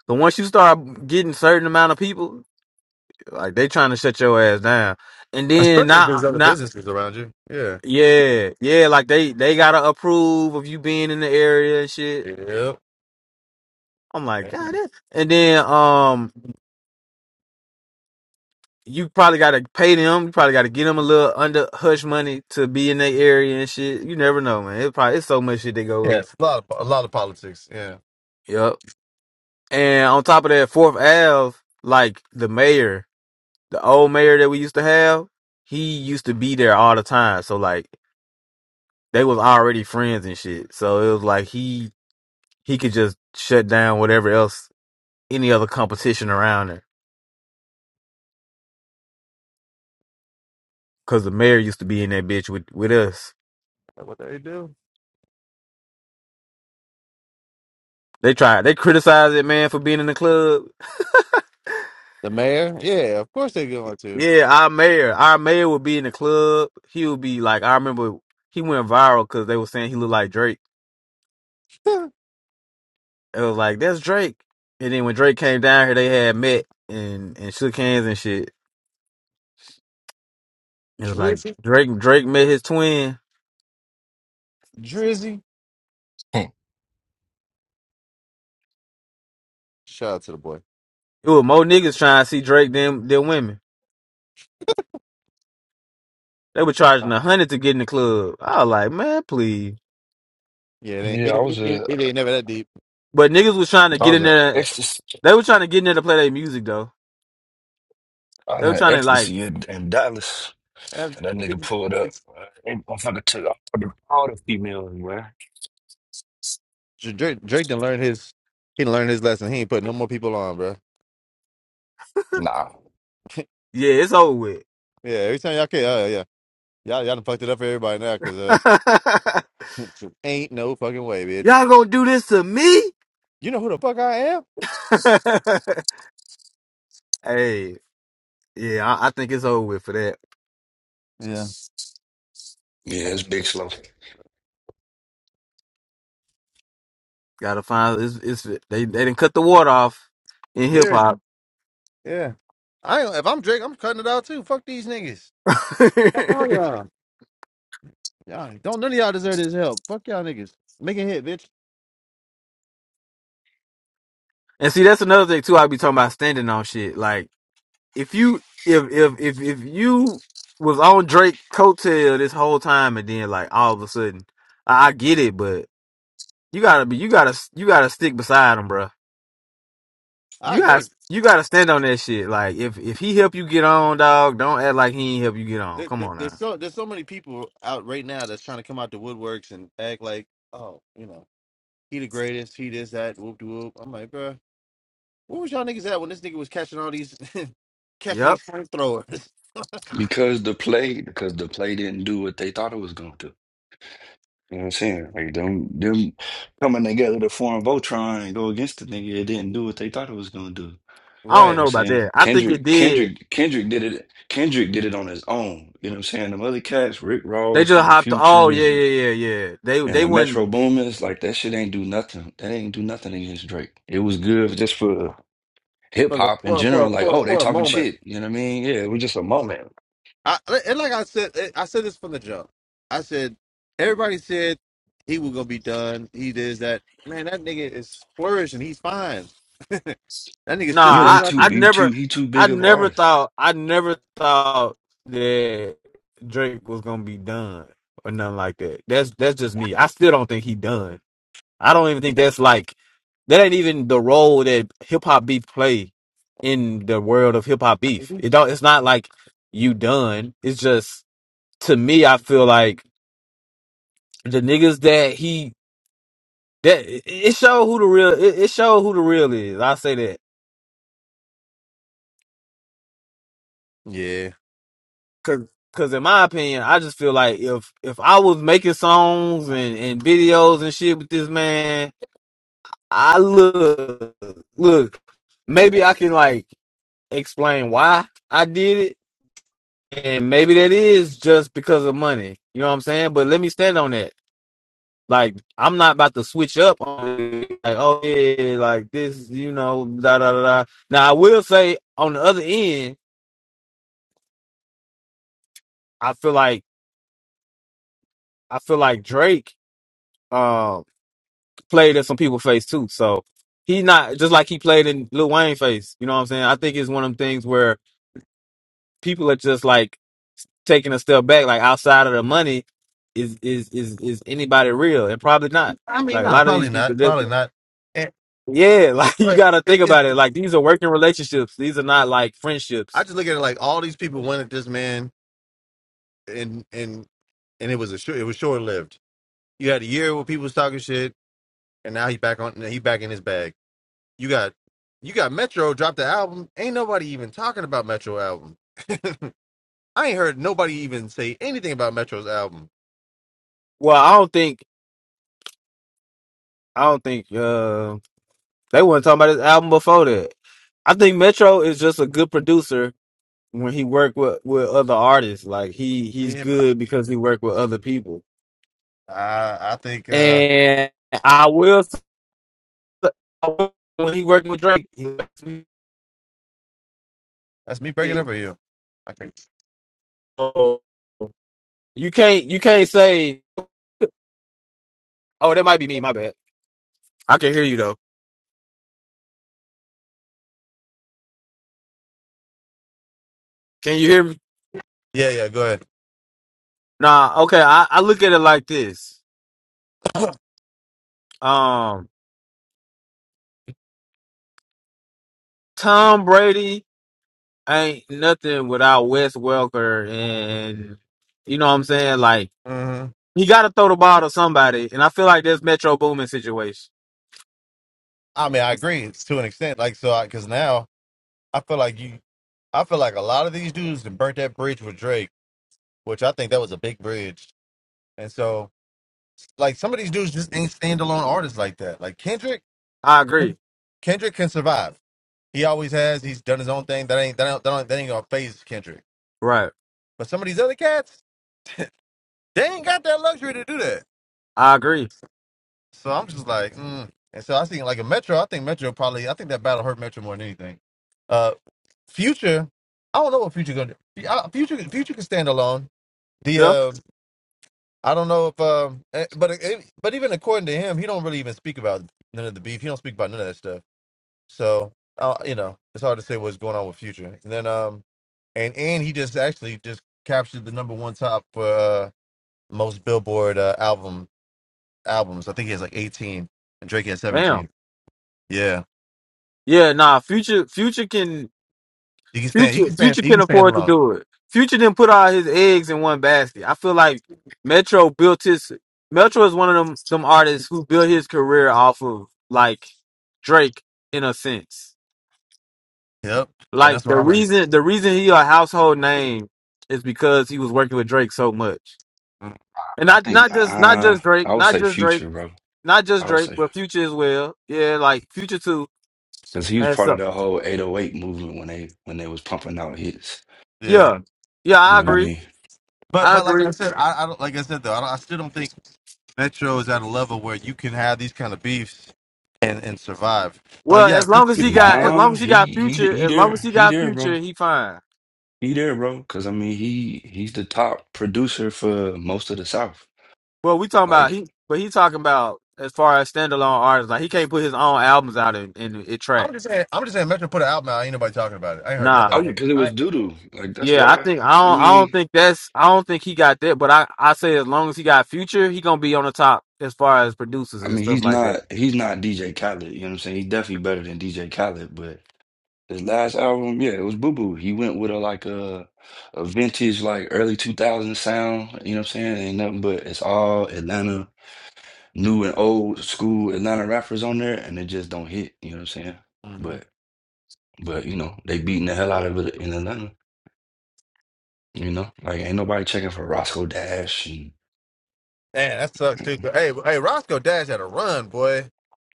Speaker 2: But once you start getting certain amount of people, like they trying to shut your ass down. And then
Speaker 3: Especially if there's
Speaker 2: not
Speaker 3: other
Speaker 2: not
Speaker 3: businesses around you. Yeah.
Speaker 2: yeah, yeah, like they they gotta approve of you being in the area and shit.
Speaker 3: Yep.
Speaker 2: I'm like, God that and then um you probably gotta pay them, you probably gotta get them a little under hush money to be in their area and shit. You never know, man. It probably it's so much shit they go
Speaker 3: Yeah,
Speaker 2: with.
Speaker 3: it's a lot of a lot of politics. Yeah.
Speaker 2: Yup. And on top of that, fourth Ave, like the mayor. the old mayor that we used to have, he used to be there all the time. So like they was already friends and shit. So it was like he he could just shut down whatever else any other competition around there. Cause the mayor used to be in that bitch with with us.
Speaker 3: What they do?
Speaker 2: They tried they criticized it man for being in the club.
Speaker 3: The mayor? Yeah, of course they're going to.
Speaker 2: Yeah, our mayor, our mayor would be in the club. He would be like I remember he went viral because they were saying he looked like Drake.
Speaker 3: [LAUGHS]
Speaker 2: It was like that's Drake. And then when Drake came down here, they had met and and shook hands and shit. It was like
Speaker 3: Drizzy,
Speaker 2: Drake. Drake met his twin.
Speaker 3: Drizzy.
Speaker 4: Hmm.
Speaker 3: Shout out to the boy.
Speaker 2: It was more niggas trying to see Drake than than women. They were charging a hundred to get in the club. I was like, man, please.
Speaker 3: Yeah, it
Speaker 4: Yeah,
Speaker 3: ain't,
Speaker 4: I was
Speaker 3: it, it,
Speaker 4: a
Speaker 3: it ain't never that deep.
Speaker 2: But niggas was trying to
Speaker 4: I
Speaker 2: get
Speaker 4: was
Speaker 2: in
Speaker 4: a
Speaker 2: there.
Speaker 4: ecstasy.
Speaker 2: They were trying to get in there to play their music though.
Speaker 4: I
Speaker 2: They
Speaker 4: was
Speaker 2: were
Speaker 4: in
Speaker 2: trying to like,
Speaker 4: ecstasy in, in Dallas,
Speaker 3: That's-
Speaker 4: and that nigga pulled up. That motherfucker took all the all the females, man.
Speaker 3: [LAUGHS] Drake, Drake didn't learn his he done learned his lesson. He ain't put no more people on, bro.
Speaker 4: Nah,
Speaker 3: [LAUGHS] yeah,
Speaker 2: yeah, it's over with.
Speaker 3: every time y'all can, uh, yeah, yeah. y'all y'all done fucked it up for everybody now, now 'cause uh,
Speaker 2: [LAUGHS]
Speaker 3: [LAUGHS] Ain't no fucking way, bitch.
Speaker 2: Y'all gonna do this to me?
Speaker 3: You know who the fuck I am?
Speaker 2: [LAUGHS] hey, yeah, I, I think it's over with for that.
Speaker 3: Yeah.
Speaker 4: yeah, it's big slow.
Speaker 2: Gotta find it's, it's they they didn't cut the water off in hip
Speaker 3: Yeah,
Speaker 2: hop.
Speaker 3: yeah. I ain't- if I'm Drake, I'm cutting it out too. Fuck these niggas.
Speaker 2: [LAUGHS] and
Speaker 3: Fuck all y'all. Y'all don't none of y'all deserve this help. Fuck y'all niggas. Make a hit, bitch.
Speaker 2: see, that's another thing too. I be talking about standing on shit like. if you if if if if you was on Drake coattail this whole time and then like all of a sudden I, I get it, but you gotta be you gotta you gotta stick beside him, bro
Speaker 3: I
Speaker 2: You
Speaker 3: agree.
Speaker 2: gotta you gotta stand on that shit. Like if if he help you get on, dog, don't act like he ain't help you get on.
Speaker 3: There,
Speaker 2: Come
Speaker 3: there-
Speaker 2: on
Speaker 3: there's
Speaker 2: now.
Speaker 3: so there's so many people out right now that's trying to come out the woodworks and act like, oh, you know, he the greatest, he this that, whoop de whoop. I'm like, bruh, where was y'all niggas at when this nigga was catching all these [LAUGHS] catching
Speaker 2: Yep.
Speaker 3: these flamethrowers? [LAUGHS]
Speaker 4: Because the play, because the play didn't do what they thought it was going to. You know what I'm saying? Like them, them coming together to form Voltron and go against the nigga, it didn't do what they thought it was going to do.
Speaker 2: I
Speaker 4: You know
Speaker 2: don't
Speaker 4: what
Speaker 3: right.
Speaker 4: I'm
Speaker 2: know about
Speaker 4: saying?
Speaker 2: that. I think it
Speaker 4: Kendrick,
Speaker 2: did.
Speaker 4: Kendrick, Kendrick did it. Kendrick did it on his own. You know what I'm saying? Them other cats, Rick
Speaker 2: They
Speaker 4: Ross
Speaker 2: just
Speaker 4: and the
Speaker 2: hopped. Oh yeah
Speaker 4: Futures and
Speaker 2: yeah yeah yeah. They
Speaker 4: and
Speaker 2: they
Speaker 4: the
Speaker 2: weren't
Speaker 4: Metro Boomers, like that shit ain't do nothing. That ain't do nothing against Drake. It was good just for hip
Speaker 3: For the
Speaker 4: hop in
Speaker 3: for
Speaker 4: general.
Speaker 3: for
Speaker 4: Like,
Speaker 3: for
Speaker 4: oh, they
Speaker 3: for a
Speaker 4: talking
Speaker 3: moment.
Speaker 4: shit. You know what I mean? Yeah, it was just a moment.
Speaker 3: I, and like I said, eh, I said this from the jump. I said everybody said he was gonna be done. He did that. Man, that nigga is flourishing. He's fine. That nigga
Speaker 2: Nah,
Speaker 3: still
Speaker 4: Yeah, he
Speaker 3: serving
Speaker 2: I,
Speaker 3: out
Speaker 4: too,
Speaker 2: I
Speaker 3: these.
Speaker 4: he too,
Speaker 2: never,
Speaker 4: he too
Speaker 2: I
Speaker 4: big of an
Speaker 2: never
Speaker 4: artist.
Speaker 2: thought, I never thought that Drake was gonna be done or nothing like that. That's that's just me. I still don't think he done. I don't even think that's like that ain't even the role that hip hop beef play in the world of hip hop beef. It don't. It's not like you done. It's just to me, I feel like the niggas that he that it it show who the real it, it show who the real is. I say that
Speaker 3: Yeah.
Speaker 2: Cause, cause in my opinion, I just feel like if if I was making songs and and videos and shit with this man, I look look maybe I can like explain why I did it, and maybe that is just because of money. You know what I'm saying? But let me stand on that. Like I'm not about to switch up on it. like oh yeah like this you know da da da da. Now I will say on the other end, I feel like I feel like Drake. um. played in some people's face too. So he not just like he played in Lil Wayne face. You know what I'm saying? I think it's one of them things where people are just like taking a step back, like outside of the money, is is is is anybody real? And probably not.
Speaker 3: I mean,
Speaker 2: Like a
Speaker 3: no,
Speaker 2: lot of
Speaker 3: probably
Speaker 2: these people
Speaker 3: not.
Speaker 2: that
Speaker 3: Probably not. And,
Speaker 2: yeah, [LAUGHS] like you
Speaker 3: but
Speaker 2: gotta
Speaker 3: it,
Speaker 2: think
Speaker 3: it's.
Speaker 2: about it. Like these are working relationships. These are not like
Speaker 3: I
Speaker 2: friendships.
Speaker 3: just look at it like all these people wanted this man, and and and it was a short, it was short lived. You had a year where people was talking shit, and now he back on. He back in his bag. You got you got Metro dropped the album. Ain't nobody even talking about Metro album. I ain't heard nobody even say anything about Metro's album.
Speaker 2: Well, I don't think I don't think uh they weren't talking about this album before that. I think Metro is just a good producer when he worked with with other artists. Like he he's
Speaker 3: Yeah,
Speaker 2: good because he worked with other people.
Speaker 3: I, I think uh,
Speaker 2: And I will s- I will- when he worked with Drake, he worked with
Speaker 3: that's me breaking
Speaker 2: me.
Speaker 3: up for you. I think.
Speaker 2: So, you can't you can't say oh that might be me. My bad. I can hear you though. Can you hear me?
Speaker 3: Yeah, yeah, go ahead.
Speaker 2: Nah. Okay. I I look at it like this.
Speaker 3: [COUGHS]
Speaker 2: Um, Tom Brady ain't nothing without Wes Welker and you know what I'm saying like.
Speaker 3: [CLEARS THROAT] hmm
Speaker 2: He got to throw the ball to somebody, and I feel like this Metro Boomin situation.
Speaker 3: I mean, I agree it's to an extent. Like, so because now I feel like you, I feel like a lot of these dudes done burnt that bridge with Drake, which I think that was a big bridge. And so, like, some of these dudes just ain't standalone artists like that. Like Kendrick,
Speaker 2: I agree.
Speaker 3: Kendrick can survive. He always has. He's done his own thing. That ain't that ain't that ain't, that ain't gonna phase Kendrick.
Speaker 2: Right.
Speaker 3: But some of these other cats, they ain't got that luxury to do that.
Speaker 2: I agree.
Speaker 3: So I'm just like, mm. and so I think like a Metro. I think Metro probably. I think that battle hurt Metro more than anything. Uh, Future. I don't know what Future gonna do. Uh, Future Future can stand alone. The
Speaker 2: Yep.
Speaker 3: uh, I don't know if um, eh, but eh, but even according to him, he don't really even speak about none of the beef. He don't speak about none of that stuff. So uh, you know, it's hard to say what's going on with Future. And then um, and and he just actually just captured the number one top for uh, most Billboard uh, album albums. I think he has like 18, and Drake has
Speaker 2: Damn.
Speaker 3: 17. Yeah.
Speaker 2: Yeah, nah, future future can
Speaker 3: He can stand. He
Speaker 2: future
Speaker 3: can stand.
Speaker 2: future
Speaker 3: He
Speaker 2: can
Speaker 3: can stand
Speaker 2: afford to
Speaker 3: alone.
Speaker 2: do it. Future didn't put all his eggs in one basket. I feel like Metro built his Metro is one of them some artists who built his career off of like Drake in a sense.
Speaker 3: Yep. And that's
Speaker 2: Like
Speaker 3: why
Speaker 2: the
Speaker 3: I like.
Speaker 2: reason the reason he a household name is because he was working with Drake so much.
Speaker 3: Mm,
Speaker 2: And
Speaker 4: I
Speaker 2: not
Speaker 4: think
Speaker 2: not just not
Speaker 4: I
Speaker 2: just Drake,
Speaker 4: I would
Speaker 2: not
Speaker 4: say
Speaker 2: just Drake,
Speaker 4: Future, bro.
Speaker 2: not just
Speaker 4: I would
Speaker 2: Drake,
Speaker 4: say
Speaker 2: but Future as well. Yeah, like Future too
Speaker 4: because he was
Speaker 2: and
Speaker 4: part of the
Speaker 2: something.
Speaker 4: whole 808 movement when they when they was pumping out hits.
Speaker 3: Yeah.
Speaker 2: Yeah, yeah,
Speaker 4: You
Speaker 2: I
Speaker 4: know what I
Speaker 2: agree.
Speaker 4: mean?
Speaker 3: But
Speaker 2: I
Speaker 3: but like
Speaker 2: agree.
Speaker 3: I said, I, I don't like I said though. I, don't, I still don't think Metro is at a level where you can have these kind of beefs and and survive. Like
Speaker 2: Well,
Speaker 3: yeah,
Speaker 2: as
Speaker 3: if you
Speaker 2: long as he got, as
Speaker 3: put-
Speaker 4: Nah,
Speaker 2: long as he got
Speaker 4: he he
Speaker 2: future,
Speaker 4: he
Speaker 2: as long as
Speaker 4: there,
Speaker 2: he
Speaker 4: he
Speaker 2: got
Speaker 4: there,
Speaker 2: future,
Speaker 4: bro.
Speaker 2: he fine.
Speaker 4: He there, bro. Because I mean, he he's the top producer for most of the South.
Speaker 2: Well, we talking about he,
Speaker 4: Like,
Speaker 2: but he talking about as far as standalone artists, like he can't put his own albums out and, and it
Speaker 3: I'm
Speaker 2: track.
Speaker 3: just saying. I'm just saying. Metro put an album out. Ain't nobody talking about it. I ain't heard
Speaker 4: oh
Speaker 3: nothing.
Speaker 2: Nah,
Speaker 4: yeah, because it
Speaker 3: I
Speaker 4: was Doodoo. Like that's
Speaker 2: yeah, I
Speaker 4: why.
Speaker 2: think I
Speaker 4: I
Speaker 2: don't, I don't
Speaker 4: mean,
Speaker 2: think that's, I don't think he got that. But I, I say as long as he got future, he gonna be on the top as far as producers
Speaker 4: I
Speaker 2: and
Speaker 4: mean,
Speaker 2: stuff
Speaker 4: he's
Speaker 2: like that.
Speaker 4: not he's not DJ Khaled. You know what I'm saying? He's definitely better than DJ Khaled, but. His last album, yeah, it was Boo Boo. He went with a like a a vintage like early 2000 sound, you know what I'm saying? Ain't nothing but it's all Atlanta, new and old school Atlanta rappers on there and it just don't hit, you know what I'm saying?
Speaker 3: Mhm. man,
Speaker 4: But but you know, they beating the hell out of it in Atlanta, you know? Like ain't nobody checking for Roscoe Dash and
Speaker 3: that sucks too. But, Hey hey, Roscoe Dash had a run, boy.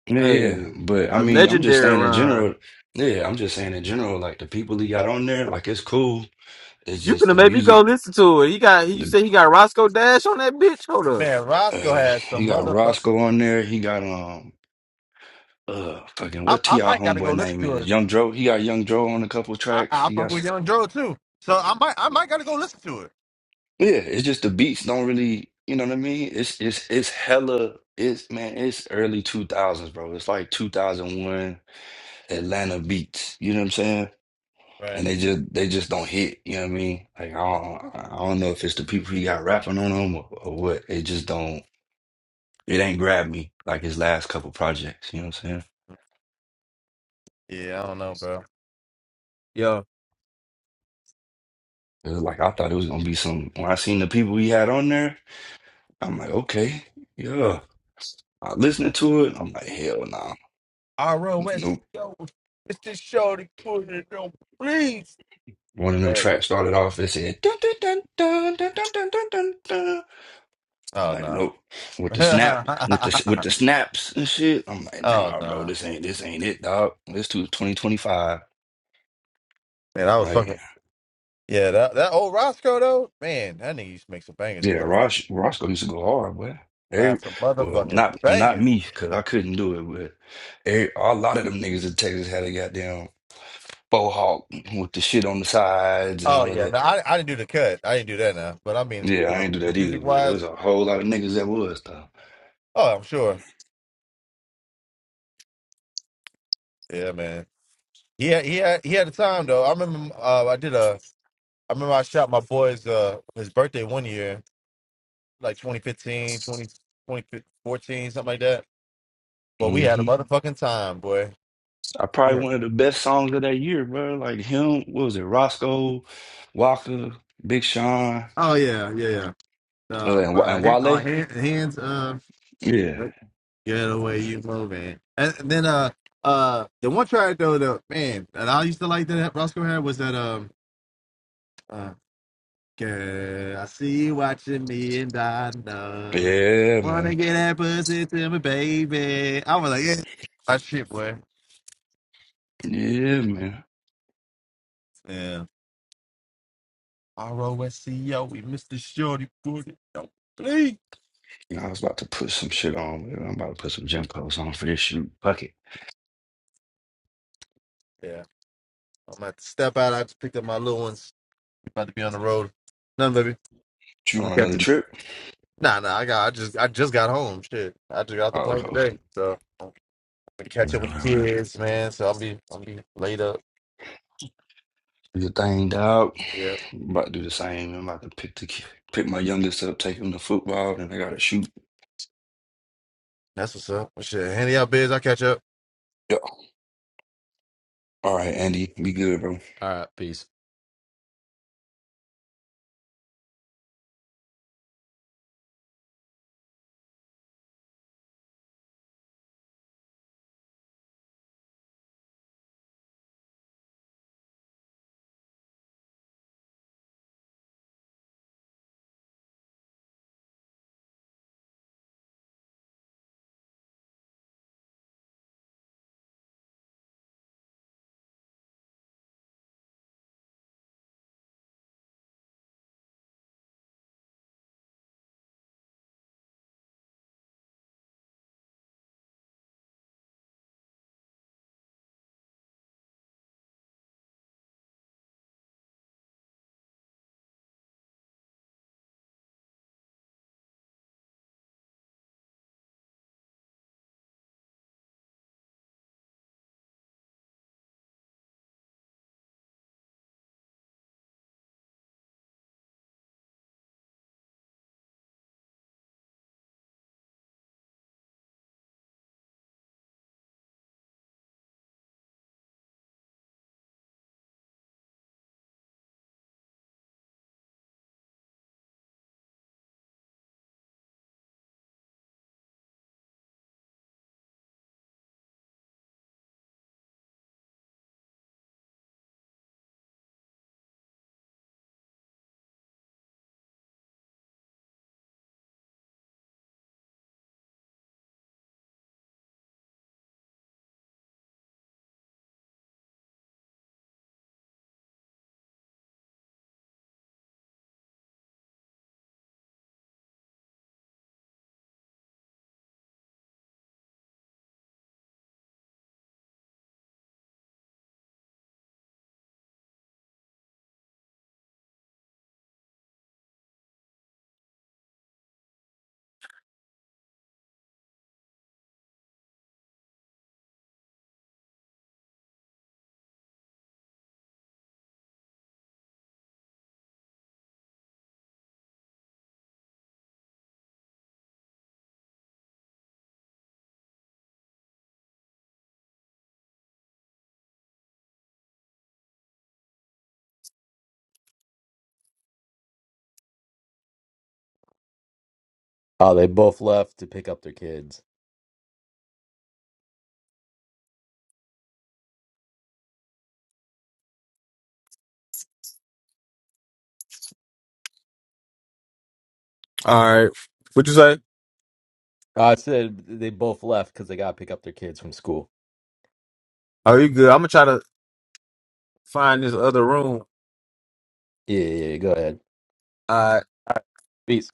Speaker 4: yeah,
Speaker 2: Hey,
Speaker 4: yeah. But I
Speaker 2: a
Speaker 4: mean, I'm just
Speaker 2: legendary
Speaker 4: saying in general,
Speaker 2: run.
Speaker 4: yeah, I'm just saying in general like the people he got on there, like it's cool. It's
Speaker 2: You
Speaker 4: just
Speaker 2: gonna
Speaker 4: the
Speaker 2: make me
Speaker 4: music.
Speaker 2: go listen to it? He got, you say he got Roscoe Dash on that bitch. Hold up.
Speaker 3: Man,
Speaker 4: Uh,
Speaker 3: Roscoe had
Speaker 4: he
Speaker 3: some
Speaker 4: got
Speaker 3: motherfucking.
Speaker 4: Roscoe on there. He got um uh fucking
Speaker 3: I,
Speaker 4: what
Speaker 3: I
Speaker 4: Ti
Speaker 3: might gotta go
Speaker 4: homeboy
Speaker 3: listen
Speaker 4: name
Speaker 3: to
Speaker 4: is
Speaker 3: it.
Speaker 4: Young Dro. He got Young Dro on a couple
Speaker 3: I,
Speaker 4: tracks.
Speaker 3: I
Speaker 4: He
Speaker 3: fuck
Speaker 4: got
Speaker 3: with
Speaker 4: s-
Speaker 3: Young Dro too, so I might I might gotta go listen to it.
Speaker 4: yeah. It's just the beats don't really you know what I mean. It's it's it's hella. It's man. It's early two thousands, bro. It's like two thousand one Atlanta beats. You know what I'm saying?
Speaker 3: Right.
Speaker 4: And they just they just don't hit. You know what I mean? Like I don't I don't know if it's the people he got rapping on them or, or what. It just don't. It ain't grabbed me like his last couple projects. You know what I'm saying?
Speaker 3: Yeah, I don't know, bro.
Speaker 2: Yeah.
Speaker 4: It was like I thought it was gonna be some. When I seen the people he had on there, I'm like, okay, yeah. I listening to it, I'm like, hell nah,
Speaker 3: R-O-S,
Speaker 4: nope.
Speaker 3: it's this show that put it on, please.
Speaker 4: One of them
Speaker 3: Hey.
Speaker 4: tracks started off. It said dun dun dun dun dun dun dun dun dun. dun.
Speaker 3: Oh,
Speaker 4: Like
Speaker 3: no.
Speaker 4: nope, with the snap, with the with the snaps and shit. I'm
Speaker 3: [LAUGHS]
Speaker 4: like,
Speaker 3: oh,
Speaker 4: nah, bro,
Speaker 3: no.
Speaker 4: this ain't this ain't it, dog. This too 2025.
Speaker 3: Man, I was
Speaker 4: Like
Speaker 3: fucking. Yeah, that, that old Roscoe, though, man, that nigga used to make some bangers,
Speaker 4: yeah,
Speaker 3: boy.
Speaker 4: Rosh, Roscoe used to go hard, boy. Every,
Speaker 3: Bad for
Speaker 4: well,
Speaker 3: motherfucking
Speaker 4: not not
Speaker 3: bangers.
Speaker 4: me, cause I couldn't do it, but every, a lot of them niggas in Texas had a goddamn. Bohawk with the shit on the sides and
Speaker 3: Oh,
Speaker 4: all of
Speaker 3: yeah. No,
Speaker 4: that.
Speaker 3: I, I didn't do the cut. I didn't do that now. But I mean,
Speaker 4: Yeah, I ain't do that either,
Speaker 3: music
Speaker 4: but there was
Speaker 3: wise,
Speaker 4: a whole lot of niggas that was though.
Speaker 3: oh, I'm sure. Yeah, man. He had, he had, he had the time, though. I remember uh, I did a. I remember I shot my boy's uh, his birthday one year like 2015, 20, 2014, something like that. But we had a
Speaker 4: hmm
Speaker 3: motherfucking time, boy.
Speaker 4: I
Speaker 3: Yeah.
Speaker 4: probably one of the best songs of that year, bro. Like him, what was it? Roscoe, Walker, Big Sean,
Speaker 3: Oh yeah, yeah, yeah.
Speaker 4: uh,
Speaker 3: Uh,
Speaker 4: and, Wa-
Speaker 3: uh,
Speaker 4: and
Speaker 3: hand, uh,
Speaker 4: Wale.
Speaker 3: hand, hands, uh,
Speaker 4: Yeah,
Speaker 3: get away, you move, And, and then, uh, uh, the one track though, the man, that I used to like that Roscoe had was that, um, uh, girl, I see you watching me and I know.
Speaker 4: yeah,
Speaker 3: Wanna
Speaker 4: man.
Speaker 3: get that pussy to me, baby. I was like, yeah, my shit, boy.
Speaker 4: Yeah, man.
Speaker 3: Yeah. R-O-S-C-O. We missed the shorty for it. Don't bleed.
Speaker 4: Nah, I was about to put some shit on. man. I'm about to put some gym clothes on for this shoot. Fuck it.
Speaker 3: Yeah. I'm about to step out. I just picked up my little ones. We About to be on the road. None, baby.
Speaker 4: You
Speaker 3: I'm gonna
Speaker 4: on
Speaker 3: catch
Speaker 4: another
Speaker 3: you.
Speaker 4: trip?
Speaker 3: Nah, nah. I got. I just. I just got home. Shit. I just got off
Speaker 4: Oh,
Speaker 3: the plane
Speaker 4: okay.
Speaker 3: today. So I'm gonna catch up with the
Speaker 4: okay.
Speaker 3: kids, man. So I'll be. I'll be laid up.
Speaker 4: Get thing, out.
Speaker 3: Yeah.
Speaker 4: I'm about to do the same. I'm about to pick the ki- pick my youngest up, take him to football, and I gotta shoot.
Speaker 3: That's what's up. Shit. Handy out, biz. I catch up.
Speaker 4: Yeah. All right, Andy, be good, bro.
Speaker 1: All right, peace. Oh, they both left to pick up their kids.
Speaker 2: All right. What you say?
Speaker 1: Oh, I said they both left because they got to pick up their kids from school.
Speaker 2: Oh, you good? I'm gonna try to find this other room.
Speaker 1: Yeah, yeah, yeah, go ahead.
Speaker 2: All right.
Speaker 1: Peace.